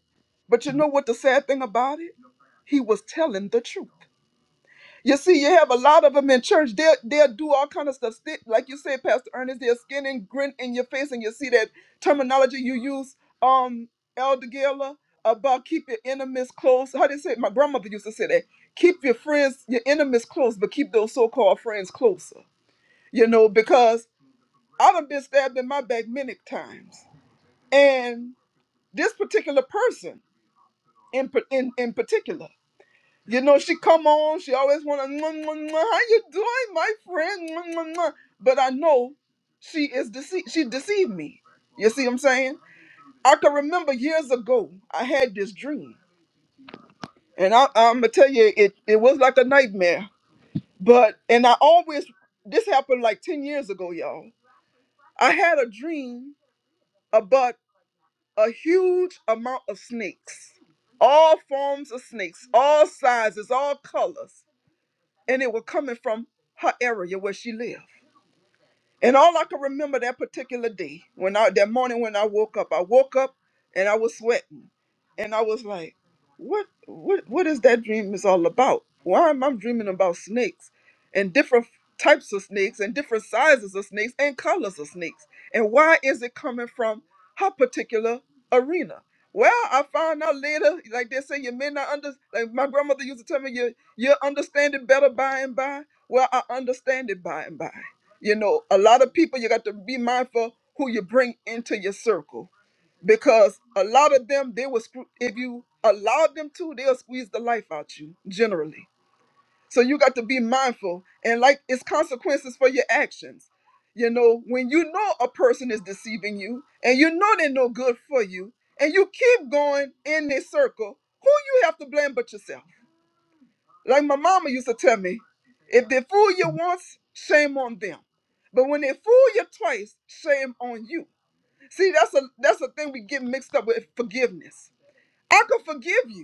[SPEAKER 3] But you know what the sad thing about it? He was telling the truth. You see, you have a lot of them in church. They'll they'll do all kind of stuff. Sti- Like you said, Pastor Ernest, they'll skin and grin in your face, and you see that terminology you use, um, Elder Gala, about keep your enemies close. How do you say it? My grandmother used to say that. Keep your friends, your enemies close, but keep those so-called friends closer. You know, because I done been stabbed in my back many times. And this particular person in, par- in, in particular. You know, she come on, she always wanna how you doing, my friend? Mwah, mwah, mwah." But I know she is deceived she deceived me. You see what I'm saying? I can remember years ago I had this dream. And I I'm gonna tell you it, it was like a nightmare. But and I always this happened like 10 years ago, y'all. I had a dream about a huge amount of snakes. All forms of snakes, all sizes, all colors and it was coming from her area where she lived. And all I can remember that particular day, when I that morning when I woke up, I woke up and I was sweating. And I was like, what what what is that dream is all about? Why am I dreaming about snakes and different types of snakes and different sizes of snakes and colors of snakes? And why is it coming from her particular arena? Well, I found out later, like they say, you may not understand. Like my grandmother used to tell me, you you understand it better by and by. Well, I understand it by and by. You know, a lot of people you got to be mindful who you bring into your circle because a lot of them they will screw if you allow them to, they'll squeeze the life out you generally. So you got to be mindful and like it's consequences for your actions. You know, when you know a person is deceiving you and you know they're no good for you and you keep going in this circle, who you have to blame but yourself? Like my mama used to tell me, if they fool you once, shame on them. But when they fool you twice, shame on you. See, that's a that's a thing we get mixed up with forgiveness. I could forgive you,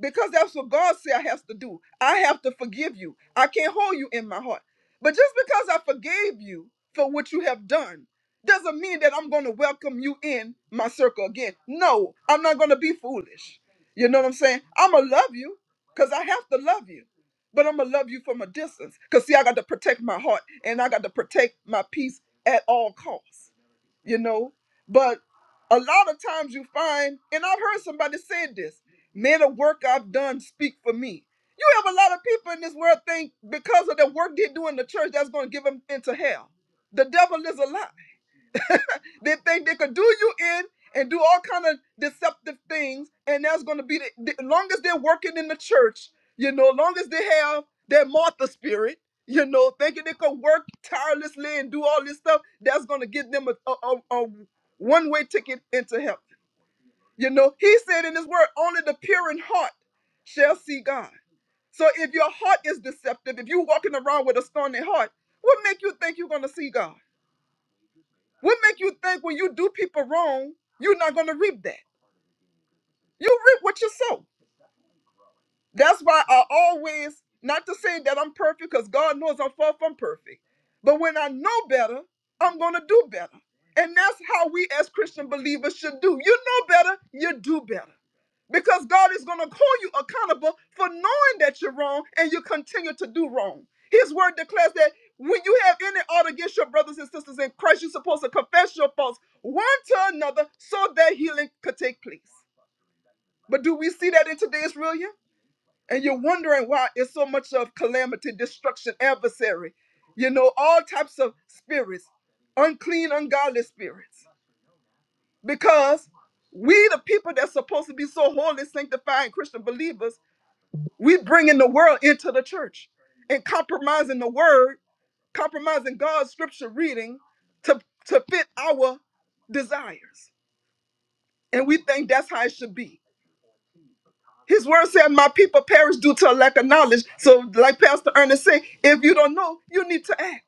[SPEAKER 3] because that's what God said I have to do. I have to forgive you. I can't hold you in my heart. But just because I forgave you for what you have done doesn't mean that I'm going to welcome you in my circle again. No, I'm not going to be foolish. You know what I'm saying? I'm going to love you because I have to love you. But I'm going to love you from a distance because, see, I got to protect my heart and I got to protect my peace at all costs you know. But a lot of times you find, and I've heard somebody say this, may the work I've done speak for me. You have a lot of people in this world think because of the work they do in the church, that's going to give them into hell. The devil is a lie. They think they could do you in and do all kind of deceptive things, and that's going to be the, the long as they're working in the church, you know, long as they have their Martha spirit, you know, thinking they could work tirelessly and do all this stuff, that's going to get them a, a, a, a one-way ticket into heaven. You know, He said in His Word, only the pure in heart shall see God. So if your heart is deceptive, if you're walking around with a stony heart, what make you think you're going to see God? What make you think when you do people wrong, you're not gonna reap that? You reap what you sow. That's why I always, not to say that I'm perfect, because God knows I'm far from perfect. But when I know better, I'm gonna do better. And that's how we as Christian believers should do. You know better, you do better because God is going to call you accountable for knowing that you're wrong and you continue to do wrong. His word declares that when you have any ought against your brothers and sisters in Christ, you're supposed to confess your faults one to another so that healing could take place. But do we see that in today's realm? And you're wondering why it's so much of calamity, destruction, adversary, you know, all types of spirits, unclean, ungodly spirits. Because we, the people that's supposed to be so holy, sanctified, Christian believers, we bringing the world into the church and compromising the word, compromising God's scripture reading to, to fit our desires. And we think that's how it should be. His word said, My people perish due to a lack of knowledge. So, like Pastor Ernest said, if you don't know, you need to ask.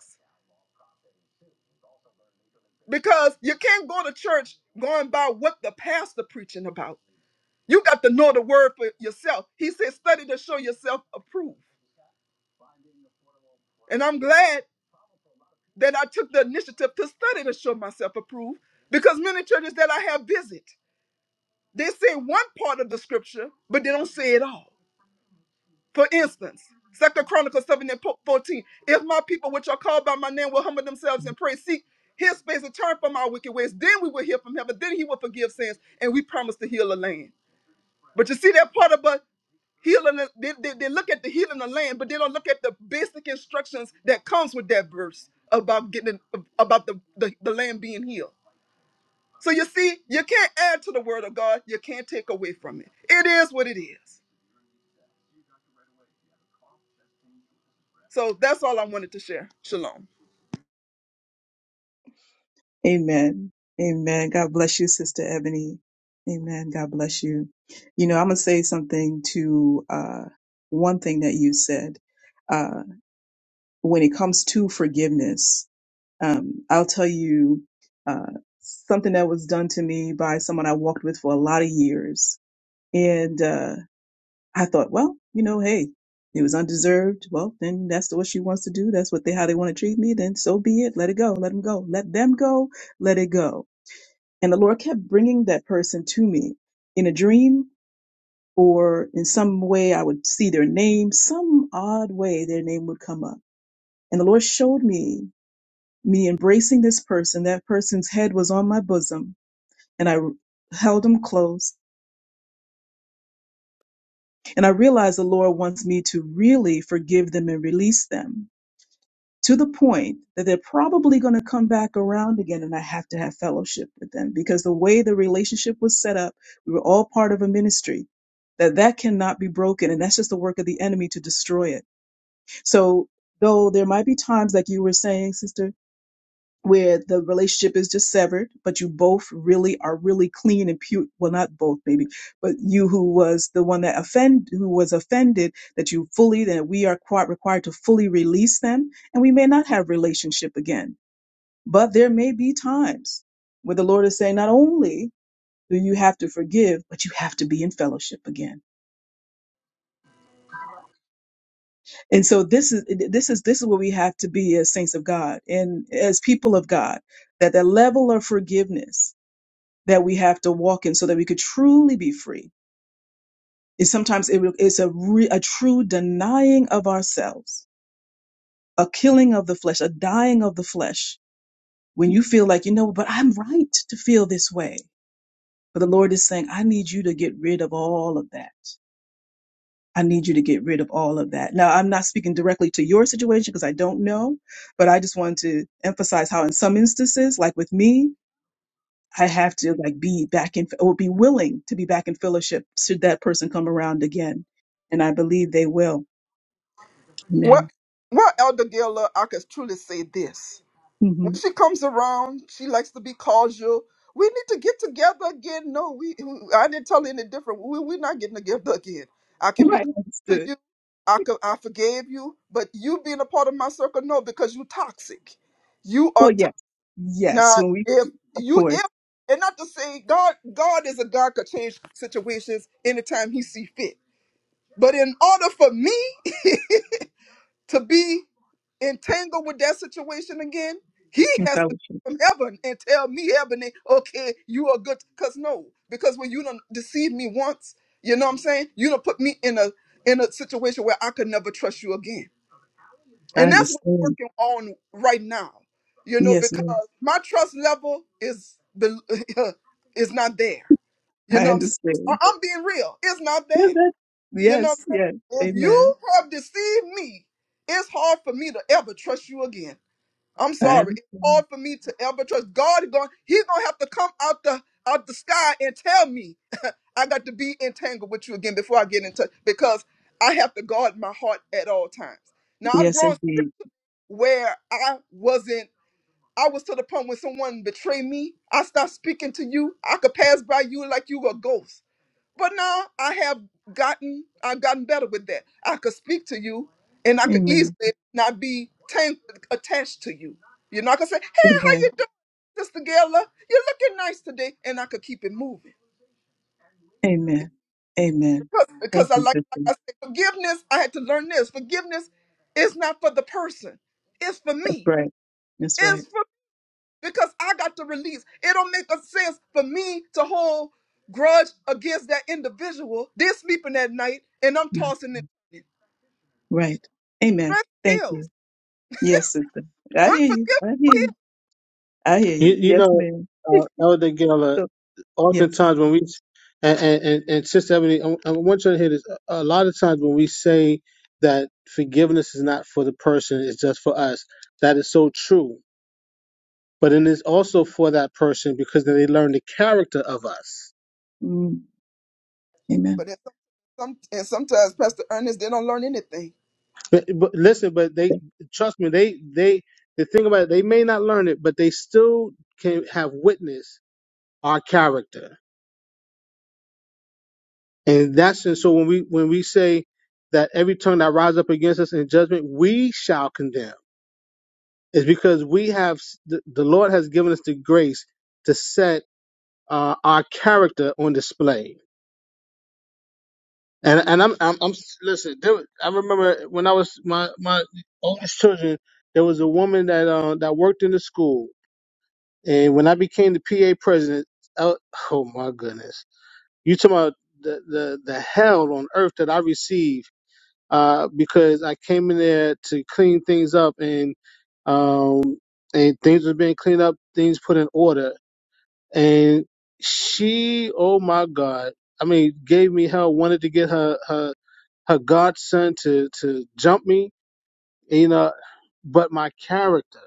[SPEAKER 3] Because you can't go to church going by what the pastor preaching about. You got to know the word for yourself. He said, study to show yourself approved. And I'm glad that I took the initiative to study to show myself approved because many churches that I have visit, they say one part of the scripture, but they don't say it all. For instance, Second Chronicles 7 and po- 14, if my people which are called by my name will humble themselves and pray, seek his face and turn from our wicked ways, then we will hear from heaven, then he will forgive sins, and we promise to heal the land. But you see that part about Healing, the- they, they, they look at the healing of the land, but they don't look at the basic instructions that comes with that verse about getting about the, the, the land being healed. So you see, you can't add to the word of God. You can't take away from it. It is what it is. So that's all I wanted to share. Shalom.
[SPEAKER 1] Amen. Amen. God bless you, Sister Ebony. Amen. God bless you. You know, I'm going to say something to uh, one thing that you said. Uh, when it comes to forgiveness, um, I'll tell you uh, something that was done to me by someone I walked with for a lot of years. And uh, I thought, well, you know, hey, it was undeserved. Well, then that's what she wants to do. That's what they how they want to treat me. Then so be it. Let it go. Let them go. Let them go. Let it go. And the Lord kept bringing that person to me in a dream or in some way. I would see their name, some odd way their name would come up. And the Lord showed me me embracing this person. That person's head was on my bosom, and I held them close. And I realized the Lord wants me to really forgive them and release them to the point that they're probably going to come back around again and I have to have fellowship with them because the way the relationship was set up, we were all part of a ministry that that cannot be broken and that's just the work of the enemy to destroy it. So though there might be times like you were saying sister where the relationship is just severed, but you both really are really clean and pure. Well, not both, maybe, but you who was the one that offend, who was offended, that you fully, that we are quite required to fully release them, and we may not have relationship again. But there may be times where the Lord is saying, not only do you have to forgive, but you have to be in fellowship again. And so this is this is this is where we have to be as saints of God and as people of God, that the level of forgiveness that we have to walk in so that we could truly be free. It's sometimes it, it's a, re, a true denying of ourselves, a killing of the flesh, a dying of the flesh. When you feel like, you know, but I'm right to feel this way. But the Lord is saying, I need you to get rid of all of that. I need you to get rid of all of that. Now, I'm not speaking directly to your situation because I don't know, but I just want to emphasize how in some instances, like with me, I have to like be back in or be willing to be back in fellowship should that person come around again. And I believe they will.
[SPEAKER 3] What
[SPEAKER 1] Amen.
[SPEAKER 3] what Elder Gila, I could truly say this. When
[SPEAKER 1] hmm
[SPEAKER 3] she comes around, she likes to be cordial. We need to get together again. No, we. I didn't tell her any different. We, we're not getting together again. I can be
[SPEAKER 1] Right.
[SPEAKER 3] cordial to
[SPEAKER 1] Understood.
[SPEAKER 3] you. I could, I forgave you, but you being a part of my circle, no, because you toxic. You are
[SPEAKER 1] Well,
[SPEAKER 3] to-
[SPEAKER 1] yes. Yes.
[SPEAKER 3] now.
[SPEAKER 1] When we,
[SPEAKER 3] If
[SPEAKER 1] of
[SPEAKER 3] you
[SPEAKER 1] course,
[SPEAKER 3] if and not to say God, God is a God could change situations anytime He see fit. But in order for me to be entangled with that situation again, he
[SPEAKER 1] in
[SPEAKER 3] has to
[SPEAKER 1] fellowship,
[SPEAKER 3] come from heaven and tell me, heaven, okay, you are good. Cause no, because when you don't deceive me once, you know what I'm saying? You don't put me in a in a situation where I could never trust you again.
[SPEAKER 1] I
[SPEAKER 3] And that's what
[SPEAKER 1] understand.
[SPEAKER 3] I'm working on right now. You know,
[SPEAKER 1] Yes,
[SPEAKER 3] because
[SPEAKER 1] ma'am.
[SPEAKER 3] my trust level is the is not there. You
[SPEAKER 1] I
[SPEAKER 3] know what I'm saying? I-
[SPEAKER 1] understand.
[SPEAKER 3] I'm being real. It's not
[SPEAKER 1] Yeah,
[SPEAKER 3] there.
[SPEAKER 1] that-
[SPEAKER 3] You know, what
[SPEAKER 1] Yes.
[SPEAKER 3] I'm saying?
[SPEAKER 1] Yes.
[SPEAKER 3] if you
[SPEAKER 1] Amen.
[SPEAKER 3] have deceived me, it's hard for me to ever trust you again. I'm
[SPEAKER 1] I
[SPEAKER 3] sorry. It's
[SPEAKER 1] understand.
[SPEAKER 3] hard for me to ever trust God. Is going, he's gonna have to come out the out the sky and tell me I got to be entangled with you again before I get in touch because I have to guard my heart at all times. Now I've
[SPEAKER 1] Yes,
[SPEAKER 3] grown
[SPEAKER 1] indeed.
[SPEAKER 3] where I wasn't. I was to the point when someone betrayed me. I stopped speaking to you. I could pass by you like you were a ghost but now I have gotten I've gotten better with that. I could speak to you and I could
[SPEAKER 1] Amen.
[SPEAKER 3] easily not be tan- attached to you. You're not gonna say, Hey, how you
[SPEAKER 1] Amen.
[SPEAKER 3] doing, Sister Gayla? You're looking nice today, and I could keep it moving.
[SPEAKER 1] Amen. Amen.
[SPEAKER 3] Because,
[SPEAKER 1] Thank
[SPEAKER 3] because I
[SPEAKER 1] you,
[SPEAKER 3] like,
[SPEAKER 1] sister.
[SPEAKER 3] like I
[SPEAKER 1] That's
[SPEAKER 3] said, forgiveness, I had to learn this. Forgiveness is not for the person, it's for me.
[SPEAKER 1] right. That's right.
[SPEAKER 3] because I got to release. It don't make a sense for me to hold grudge against that individual. They're sleeping at night and I'm tossing it.
[SPEAKER 1] Right. Amen.
[SPEAKER 3] strength
[SPEAKER 1] Thank you.
[SPEAKER 3] kills.
[SPEAKER 1] Yes, sister. I hear you.
[SPEAKER 3] Unforgiveness
[SPEAKER 1] I hear
[SPEAKER 3] kills.
[SPEAKER 1] you. I hear
[SPEAKER 2] You,
[SPEAKER 1] you.
[SPEAKER 2] you
[SPEAKER 1] Yes,
[SPEAKER 2] know,
[SPEAKER 1] ma'am.
[SPEAKER 2] uh, Elder Geller,
[SPEAKER 1] So, yes, sir.
[SPEAKER 2] oftentimes when we and and, and, and Sister Ebony, I, I want you to hear this. A lot of times when we say that forgiveness is not for the person, it's just for us. That is so true. But it is also for that person because then they learn the character of us.
[SPEAKER 1] Mm, amen.
[SPEAKER 3] But that's some, and sometimes Pastor Ernest, they don't learn anything.
[SPEAKER 2] But, but listen, but they trust me. They they the thing about it, they may not learn it, but they still can have witnessed our character. And that's and so when we when we say that every tongue that rises up against us in judgment, we shall condemn is because we have the, the Lord has given us the grace to set uh, our character on display. And and I'm I'm, I'm listen. There, was- I remember when I was my my oldest children, there was a woman that uh, that worked in the school, and when I became the PA president, I, oh my goodness, you talking about the, the the hell on earth that I received uh, because I came in there to clean things up and um, and things were being cleaned up, things put in order, and she, oh my God, I mean, gave me hell. Wanted to get her her her godson to to jump me, you know. But my character,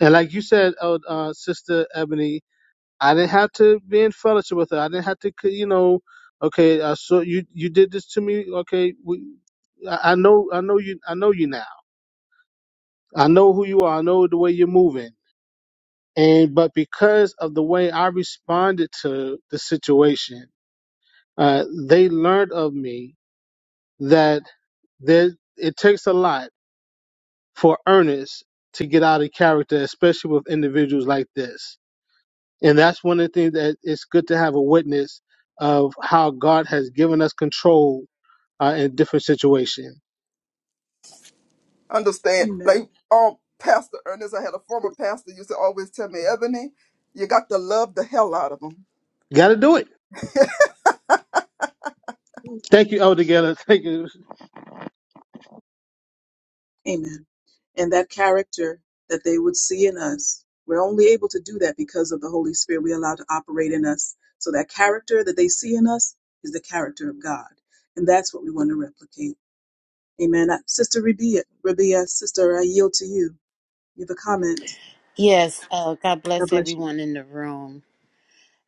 [SPEAKER 2] and like you said, uh, uh, Sister Ebony, I didn't have to be in fellowship with her. I didn't have to, you know. Okay, I saw you. You did this to me. Okay, we, I I know. I know you. I know you now. I know who you are. I know the way you're moving. And but because of the way I responded to the situation uh, they learned of me that there, it takes a lot for Ernest to get out of character, especially with individuals like this. And that's one of the things that it's good to have a witness of how God has given us control uh, in different situations.
[SPEAKER 3] Understand?
[SPEAKER 1] Amen.
[SPEAKER 3] Like um, Pastor Ernest, I had a former pastor used to always tell me, Ebony, you got to love the hell out of them.
[SPEAKER 2] Got to do it. Thank you, Elder Geller. Thank you.
[SPEAKER 1] Amen. And that character that they would see in us, we're only able to do that because of the Holy Spirit we allow to operate in us. So that character that they see in us is the character of God. And that's what we want to replicate. Amen. Uh, Sister Rabia, Rabia, sister, I yield to you. You have a comment.
[SPEAKER 4] Yes, uh, God
[SPEAKER 1] God
[SPEAKER 4] bless
[SPEAKER 1] bless you.
[SPEAKER 4] everyone in the room.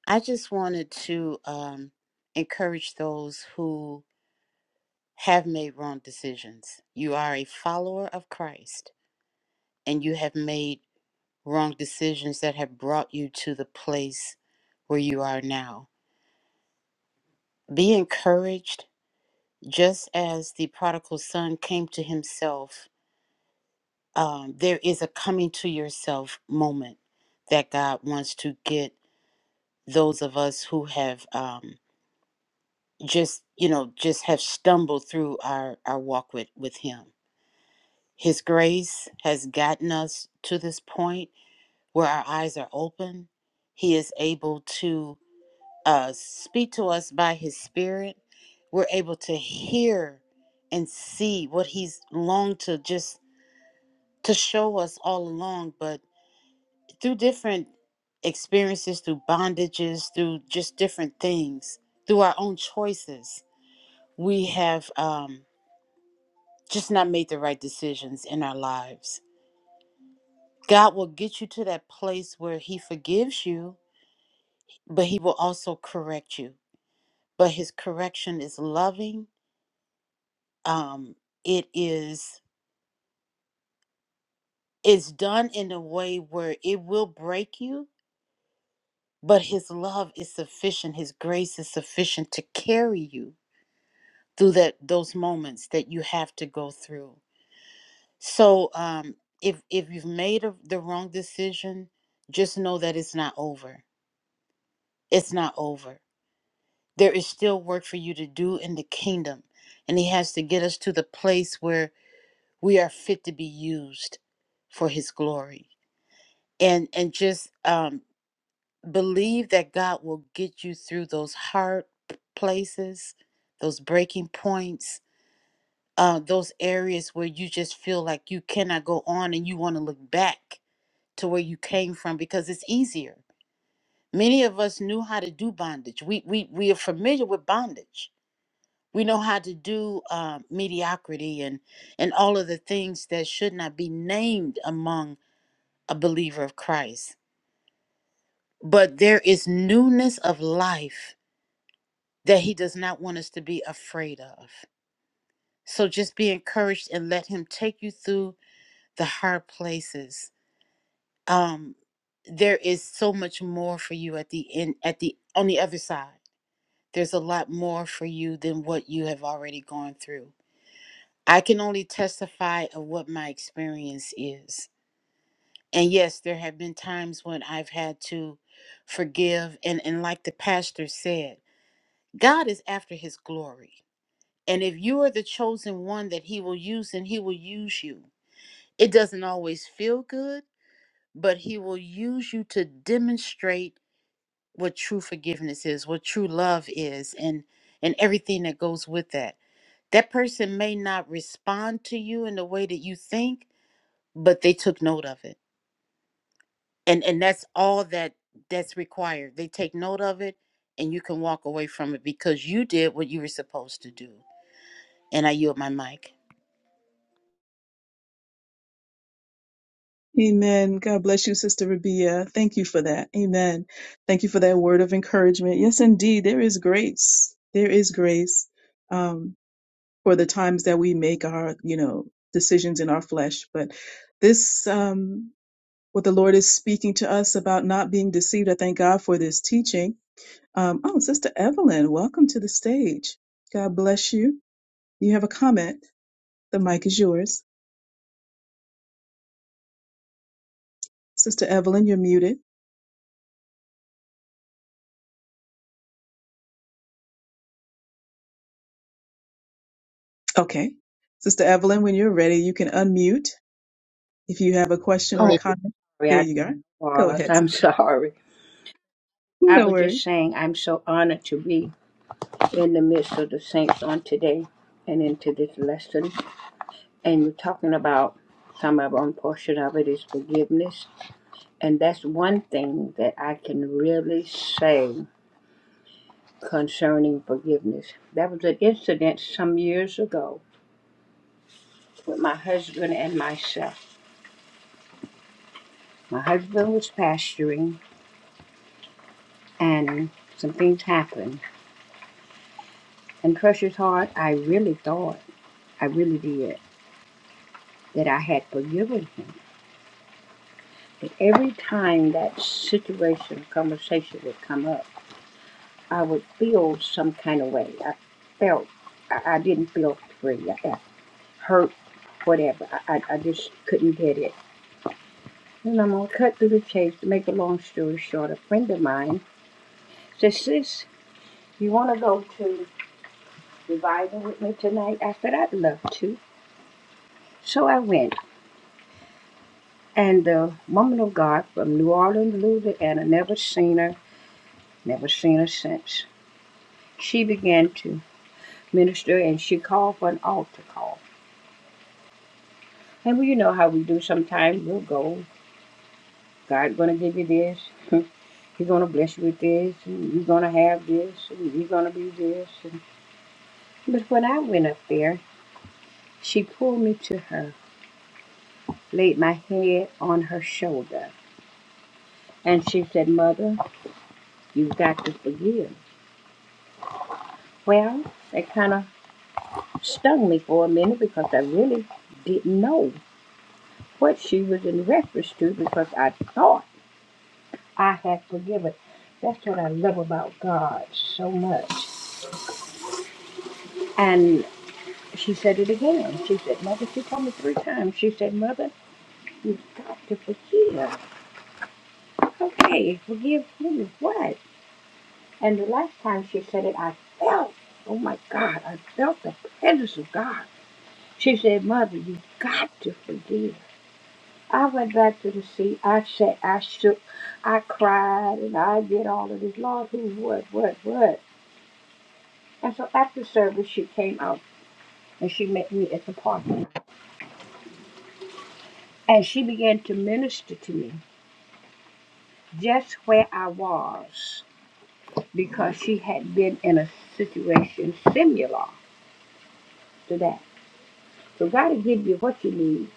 [SPEAKER 4] I just wanted to um, encourage those who have made wrong decisions. You are a follower of Christ, and you have made wrong decisions that have brought you to the place where you are now. Be encouraged, just as the prodigal son came to himself. Um, there is a coming to yourself moment that God wants to get those of us who have. Um, just you know just have stumbled through our our walk with with him his grace has gotten us to this point where our eyes are open he is able to uh speak to us by his spirit we're able to hear and see what he's longed to just to show us all along but through different experiences through bondages through just different things through our own choices we have um just not made the right decisions in our lives. God will get you to that place where He forgives you, but He will also correct you. But His correction is loving. Um, it is it's done in a way where it will break you, but His love is sufficient. His grace is sufficient to carry you through that those moments that you have to go through. So um, if if you've made a, the wrong decision, just know that it's not over it's not over. There is still work for you to do in the kingdom. And He has to get us to the place where we are fit to be used for His glory. And and just um, believe that God will get you through those hard p- places, those breaking points, uh, those areas where you just feel like you cannot go on and you want to look back to where you came from because it's easier. Many of us knew how to do bondage. We we we are familiar with bondage We know how to do uh, mediocrity and and all of the things that should not be named among a believer of Christ. But there is newness of life that He does not want us to be afraid of. So just be encouraged and let Him take you through the hard places. Um, there is so much more for you at the end, at the on the other side. There's a lot more for you than what you have already gone through I can only testify of what my experience is. And yes, there have been times when I've had to forgive. And, and like the pastor said, God is after his glory. And if you are the chosen one that he will use, and he will use you. It doesn't always feel good, but he will use you to demonstrate what true forgiveness is, what true love is, and and everything that goes with that. That person may not respond to you in the way that you think, but they took note of it and and that's all that that's required they take note of it and you can walk away from it because you did what you were supposed to do and i yield my mic
[SPEAKER 1] Amen. God bless you, Sister Rabia. Thank you for that. Amen. Thank you for that word of encouragement. Yes, indeed, there is grace. There is grace um, for the times that we make our, you know, decisions in our flesh. But this, um, what the Lord is speaking to us about not being deceived. I thank God for this teaching. Um, oh, Sister Evelyn, welcome to the stage. God bless you. You have a comment. The mic is yours. Sister Evelyn, you're muted. Okay. Sister Evelyn, when you're ready, you can unmute if you have a question or a
[SPEAKER 5] Oh,
[SPEAKER 1] comment.
[SPEAKER 5] sorry,
[SPEAKER 1] There
[SPEAKER 5] I
[SPEAKER 1] you go. Go
[SPEAKER 5] was.
[SPEAKER 1] ahead.
[SPEAKER 5] I'm sorry. I
[SPEAKER 1] No
[SPEAKER 5] was
[SPEAKER 1] worries.
[SPEAKER 5] just saying I'm so honored to be in the midst of the saints on today and into this lesson. And you're talking about some of one portion of it is forgiveness. And that's one thing that I can really say concerning forgiveness. That was an incident some years ago with my husband and myself. My husband was pasturing and some things happened. And precious heart, I really thought. I really did, that I had forgiven him. But every time that situation, conversation would come up, I would feel some kind of way. I felt, I, I didn't feel free. I, I hurt, whatever. I, I, I just couldn't get it. And I'm going to cut through the chase to make a long story short. A friend of mine said, Sis, you want to go to revival with me tonight? I said, I'd love to. So I went. And the woman of God from New Orleans, Louisiana, never seen her Never seen her since. She began to minister and she called for an altar call. And well, you know how we do sometimes. We'll go. God's gonna give you this. He's gonna bless you with this and you're gonna have this and you're gonna be this and but when I went up there, she pulled me to her, laid my head on her shoulder, and she said, Mother, you've got to forgive. Well, that kind of stung me for a minute because I really didn't know. what she was in reference to because I thought I had forgiven. That's what I love about God so much. And she said it again. She said, Mother, she told me three times. She said, Mother, you've got to forgive. Okay, forgive who? What? And the last time she said it, I felt, oh my God, I felt the presence of God. She said, Mother, you've got to forgive. I went back to the seat. I sat, I shook, I cried, and I did all of this. Lord, who, what, what, what? And so after service, she came out and she met me at the parking lot. And she began to minister to me just where I was because she had been in a situation similar to that. So God will give you what you need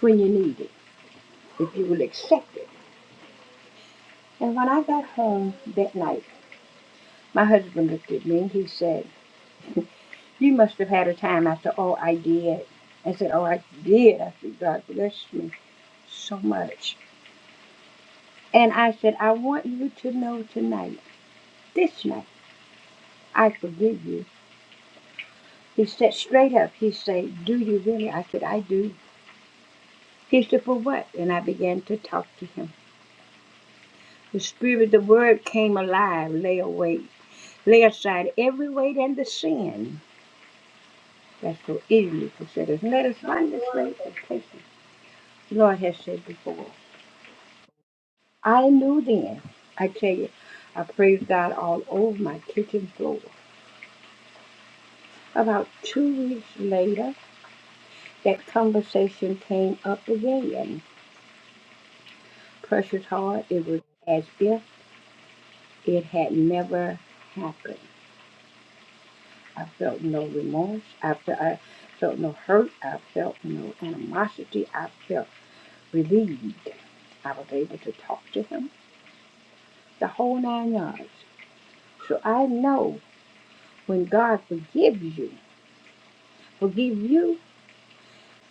[SPEAKER 5] when you need it, if you will accept it. And when I got home that night, my husband looked at me and he said, You must have had a time after, oh, I did. I said, oh, I did. I said, God bless me so much. And I said, I want you to know tonight, this night, I forgive you. He said straight up, he said, do you really? I said, I do. He said, for what? And I began to talk to him. The spirit, the word came alive, lay away, lay aside every weight and the sin that so easily beset us. Let us find this race and take it. The Lord has said before. I knew then. I tell you, I praised God all over my kitchen floor. About two weeks later, that conversation came up again. Precious heart, it was as if it had never happened. I felt no remorse. I felt, I felt no hurt. I felt no animosity. I felt relieved. I was able to talk to him the whole nine yards. So I know when God forgives you, forgive you.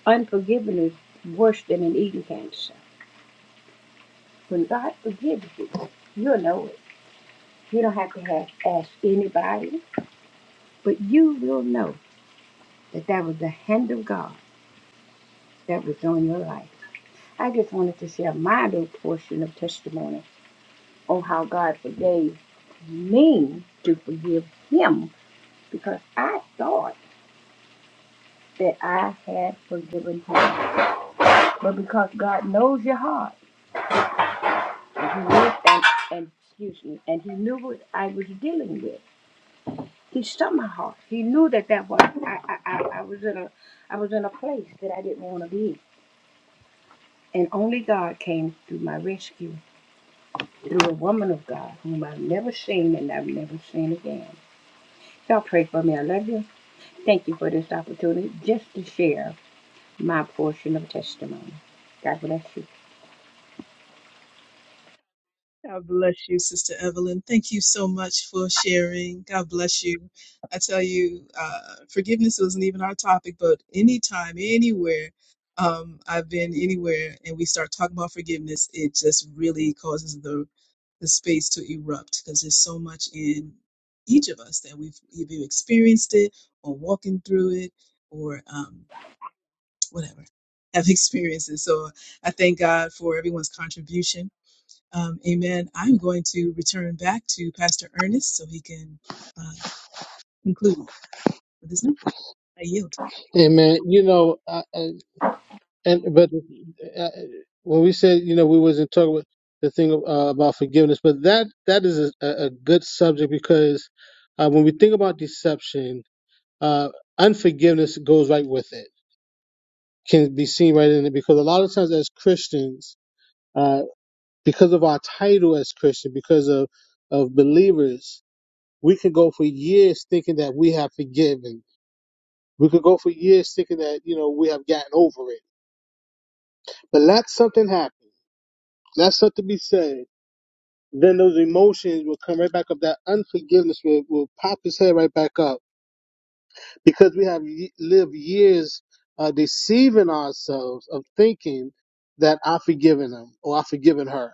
[SPEAKER 5] Unforgiveness worse than an eating cancer. When God forgives you, you'll know it. You don't have to have, ask anybody, but you will know that that was the hand of God that was on your life. I just wanted to share my little portion of testimony on how God forgave me to forgive him because I thought that I had forgiven him. But because God knows your heart, and he knew, and, and excuse me, and he knew what I was dealing with. He stopped my heart. He knew that that was I, I, I, I was in a I was in a place that I didn't want to be. And only God came through my rescue through a woman of God whom I've never seen and I've never seen again. Y'all pray for me. I love you. Thank you for this opportunity just to share my portion of testimony. God bless you.
[SPEAKER 1] God bless you, Sister Evelyn. Thank you so much for sharing. God bless you. I tell you, uh, forgiveness wasn't even our topic, but anytime, anywhere, um, I've been anywhere and we start talking about forgiveness, it just really causes the the space to erupt because there's so much in each of us that we've either experienced it or walking through it or um, whatever have experienced it. So I thank God for everyone's contribution um, amen. I'm going to return back to Pastor Ernest so he can uh, conclude with his message. I yield.
[SPEAKER 2] Amen. You know, uh, And but uh, uh, when we said you know we wasn't talking about the thing uh, about forgiveness, but that that is a, a a good subject because uh, when we think about deception, uh, unforgiveness goes right with it, can be seen right in it because a lot of times as Christians, uh, because of our title as Christian, because of of believers, we could go for years thinking that we have forgiven. We could go for years thinking that you know we have gotten over it, but let something happen. Let something be said then those emotions will come right back up. That unforgiveness will, will pop his head right back up because we have ye- lived years uh, deceiving ourselves of thinking that I've forgiven him or I've forgiven her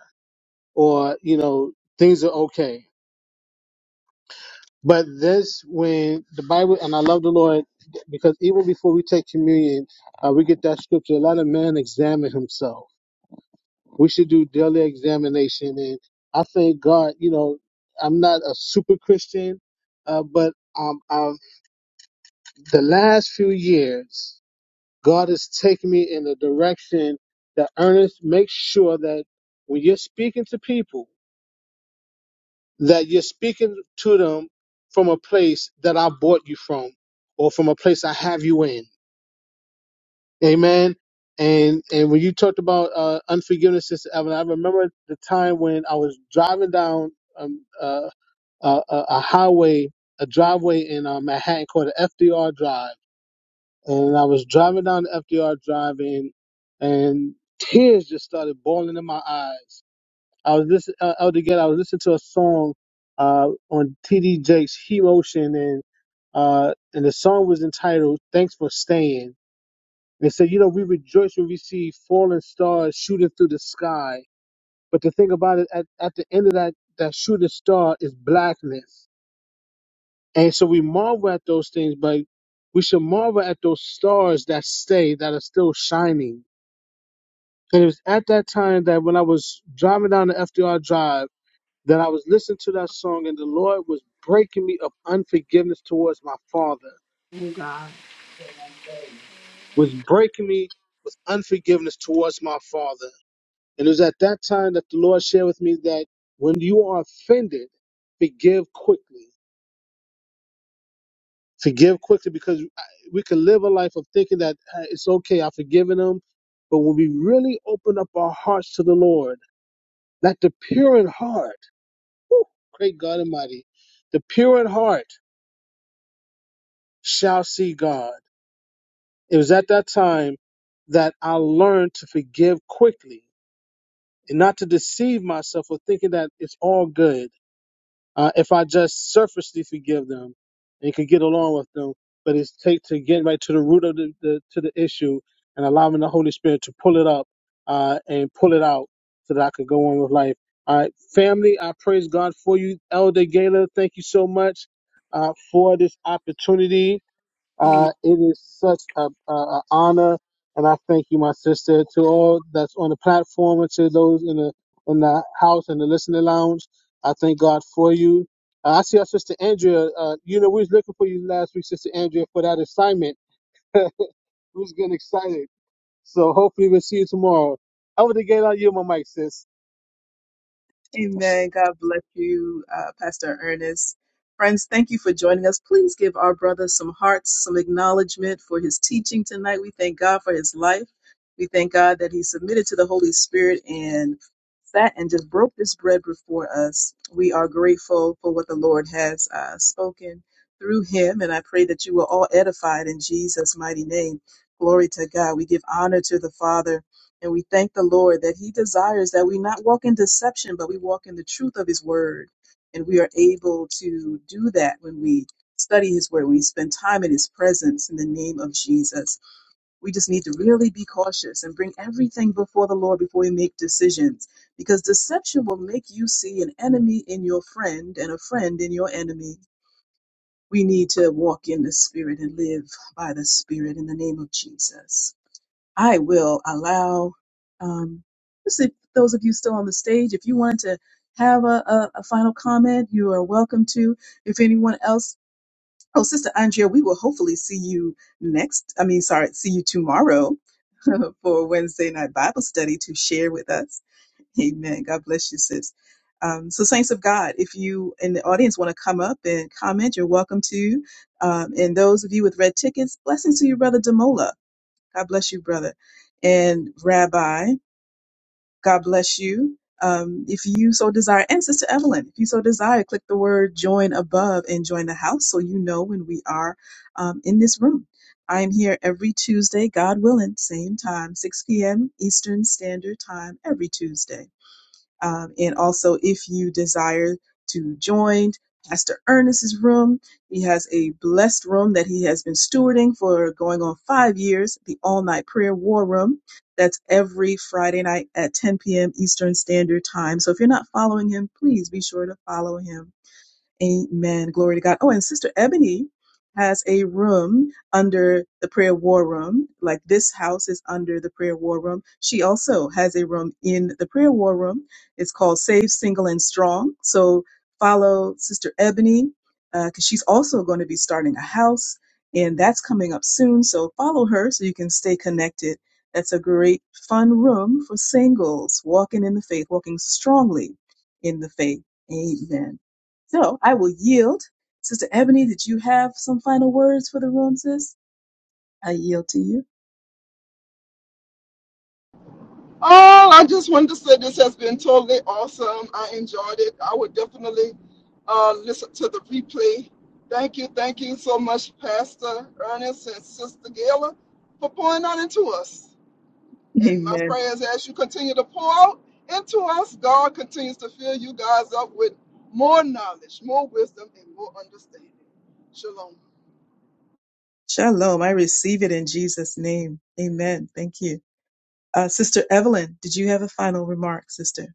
[SPEAKER 2] or, you know, things are okay. But this, when the Bible, and I love the Lord because even before we take communion, uh, we get that scripture, let a man examine himself We should do daily examination. And I thank God, you know, I'm not a super Christian, uh, but um, I've, the last few years, God has taken me in a direction that Ernest makes sure that when you're speaking to people, that you're speaking to them from a place that I bought you from or from a place I have you in. Amen. And and when you talked about uh, unforgiveness, Sister Evan, I remember the time when I was driving down um, uh, a, a a highway, a driveway in uh, Manhattan called the FDR Drive, and I was driving down the FDR Drive, and and tears just started boiling in my eyes. I was listening, uh, Elder Gate, I was listening to a song uh, on TD Jakes' He Motion, and uh, and the song was entitled "Thanks for Staying." and said, You know, we rejoice when we see falling stars shooting through the sky. But the thing about it, at, at the end of that, that shooting star is blackness. And so we marvel at those things, but we should marvel at those stars that stay, that are still shining. And it was at that time that when I was driving down the FDR Drive, that I was listening to that song, and the Lord was breaking me of unforgiveness towards my father,
[SPEAKER 5] Thank God.
[SPEAKER 2] was breaking me with unforgiveness towards my father. And it was at that time that the Lord shared with me that when you are offended, forgive quickly. Forgive quickly because I- we can live a life of thinking that "Ah, it's okay, I've forgiven them. But when we really open up our hearts to the Lord, that the pure in heart, whew, great God Almighty, the pure in heart shall see God. It was at that time that I learned to forgive quickly and not to deceive myself with thinking that it's all good Uh, if I just surfacely forgive them and can get along with them, but it's take to get right to the root of the, the to the issue and allowing the Holy Spirit to pull it up uh, and pull it out so that I could go on with life. All right, family, I praise God for you, Elder Gala. Thank you so much uh, for this opportunity uh, it is such a, a, a honor, and I thank you, my sister, to all that's on the platform and to those in the in the house and the listening lounge. I thank God for you. Uh, I see our sister Andrea. Uh, you know, we was looking for you last week, sister Andrea, for that assignment. We was getting excited, so hopefully we'll see you tomorrow. Over the gate on you, my mic, sis.
[SPEAKER 1] Amen. God bless you, uh, Pastor Ernest. Friends, thank you for joining us. Please give our brother some hearts, some acknowledgement for his teaching tonight. We thank God for his life. We thank God that he submitted to the Holy Spirit and sat and just broke this bread before us. We are grateful for what the Lord has uh, spoken through him, and I pray that you were all edified in Jesus' mighty name. Glory to God. We give honor to the Father and we thank the Lord that He desires that we not walk in deception, but we walk in the truth of His word. And we are able to do that when we study His word, when we spend time in His presence in the name of Jesus. We just need to really be cautious and bring everything before the Lord before we make decisions, because deception will make you see an enemy in your friend and a friend in your enemy. We need to walk in the Spirit and live by the Spirit in the name of Jesus. I will allow um, let's see, those of you still on the stage, if you wanted to have a, a, a final comment, you are welcome to. If anyone else, oh, Sister Andrea, we will hopefully see you next. I mean, sorry, see you tomorrow for Wednesday night Bible study to share with us. Amen. God bless you, sis. Um, so, saints of God, if you in the audience want to come up and comment, you're welcome to. Um, and those of you with red tickets, blessings to you, Brother Demola. God bless you, brother. And Rabbi, God bless you. Um, if you so desire, and Sister Evelyn, if you so desire, click the word join above and join the house so you know when we are um, in this room. I am here every Tuesday, God willing, same time, 6 p.m. Eastern Standard Time, every Tuesday. Um, and also, if you desire to join Pastor Ernest's room, he has a blessed room that he has been stewarding for going on five years, the All Night Prayer War Room. That's every Friday night at 10 p.m. Eastern Standard Time. So if you're not following him, please be sure to follow him Amen. Glory to God. Oh, and Sister Ebony has a room under the prayer war room. Like this house is under the prayer war room. She also has a room in the prayer war room. It's called Save Single and Strong. So follow Sister Ebony because she's also going to be starting a house and that's coming up soon. So follow her so you can stay connected. That's a great fun room for singles walking in the faith, walking strongly in the faith. Amen. So I will yield. Sister Ebony, did you have some final words for the room, sis? I yield to you.
[SPEAKER 3] Oh, I just wanted to say this has been totally awesome. I enjoyed it. I would definitely uh, listen to the replay. Thank you, thank you so much, Pastor Ernest and Sister Gayla, for pouring out into us. And my
[SPEAKER 1] Amen.
[SPEAKER 3] prayers as you continue to pour out into us, God continues to fill you guys up with more knowledge, more wisdom, and more understanding. Shalom.
[SPEAKER 1] Shalom. I receive it in Jesus' name. Amen. Thank you. Uh, Sister Evelyn, did you have a final remark, sister?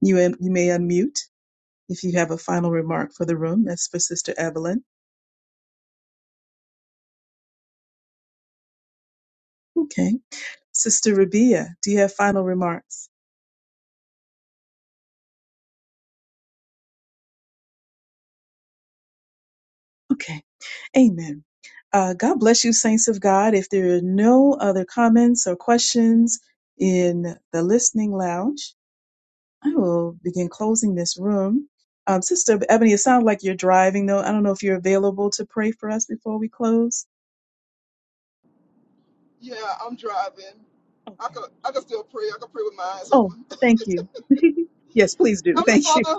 [SPEAKER 1] You, am, you may unmute if you have a final remark for the room. That's for Sister Evelyn. Okay. Sister Rabia, do you have final remarks? Okay. Amen. Uh, God bless you, saints of God. If there are no other comments or questions in the listening lounge, I will begin closing this room. Um, Sister Ebony, it sounds like you're driving, though. I don't know if you're available to pray for us before we close.
[SPEAKER 3] Yeah, I'm driving. I
[SPEAKER 1] Okay.
[SPEAKER 3] could I could still pray. I could pray with my eyes
[SPEAKER 1] Oh,
[SPEAKER 3] open.
[SPEAKER 1] thank you. yes, please do.
[SPEAKER 3] Heavenly
[SPEAKER 1] Thank you.
[SPEAKER 3] Father,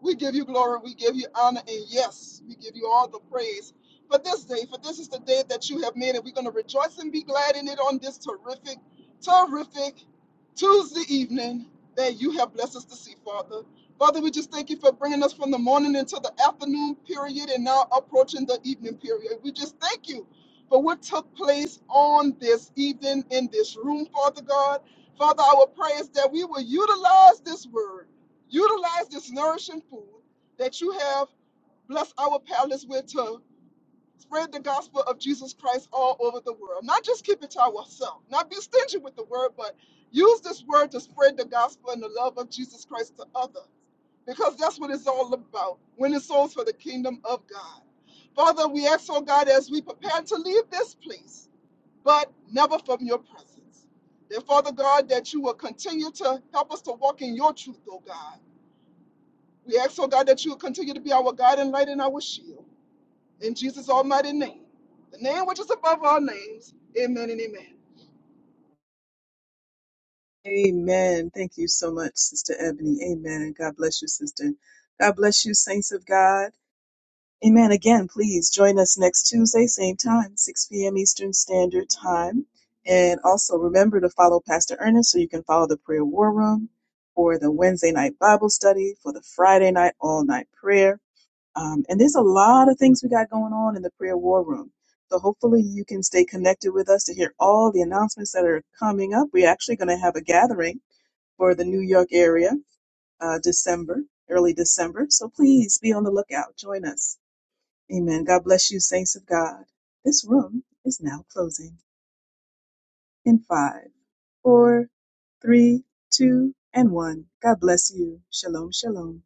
[SPEAKER 3] We give you glory, we give you honor, and yes, we give you all the praise for this day. For this is the day that you have made, and we're going to rejoice and be glad in it on this terrific, terrific Tuesday evening that you have blessed us to see, Father. Father, we just thank you for bringing us from the morning into the afternoon period and now approaching the evening period. We just thank you for what took place on this evening in this room, Father God. Father, our prayer is that we will utilize this word Utilize this nourishing food that you have blessed our palates with to spread the gospel of Jesus Christ all over the world. Not just keep it to ourselves, not be stingy with the word, but use this word to spread the gospel and the love of Jesus Christ to others. Because that's what it's all about winning souls for the kingdom of God. Father, we ask, oh God, as we prepare to leave this place, but never from your presence. That, Father God, that you will continue to help us to walk in your truth, oh God we ask, oh God, that you will continue to be our God and light and our shield. In Jesus' almighty name, the name which is above all names, amen and amen.
[SPEAKER 1] Amen. Thank you so much, Sister Ebony. Amen. God bless you, Sister. God bless you, saints of God. Amen. Again, please join us next Tuesday, same time, 6 p.m. Eastern Standard Time. And also remember to follow Pastor Ernest so you can follow the prayer war room for the Wednesday night Bible study, for the Friday night all night prayer. Um, and there's a lot of things we got going on in the prayer war room. So hopefully you can stay connected with us to hear all the announcements that are coming up. We're actually going to have a gathering for the New York area, uh, December, early December. So please be on the lookout. Join us. Amen. God bless you, saints of God. This room is now closing in five, four, three, two, and one. God bless you. Shalom, shalom.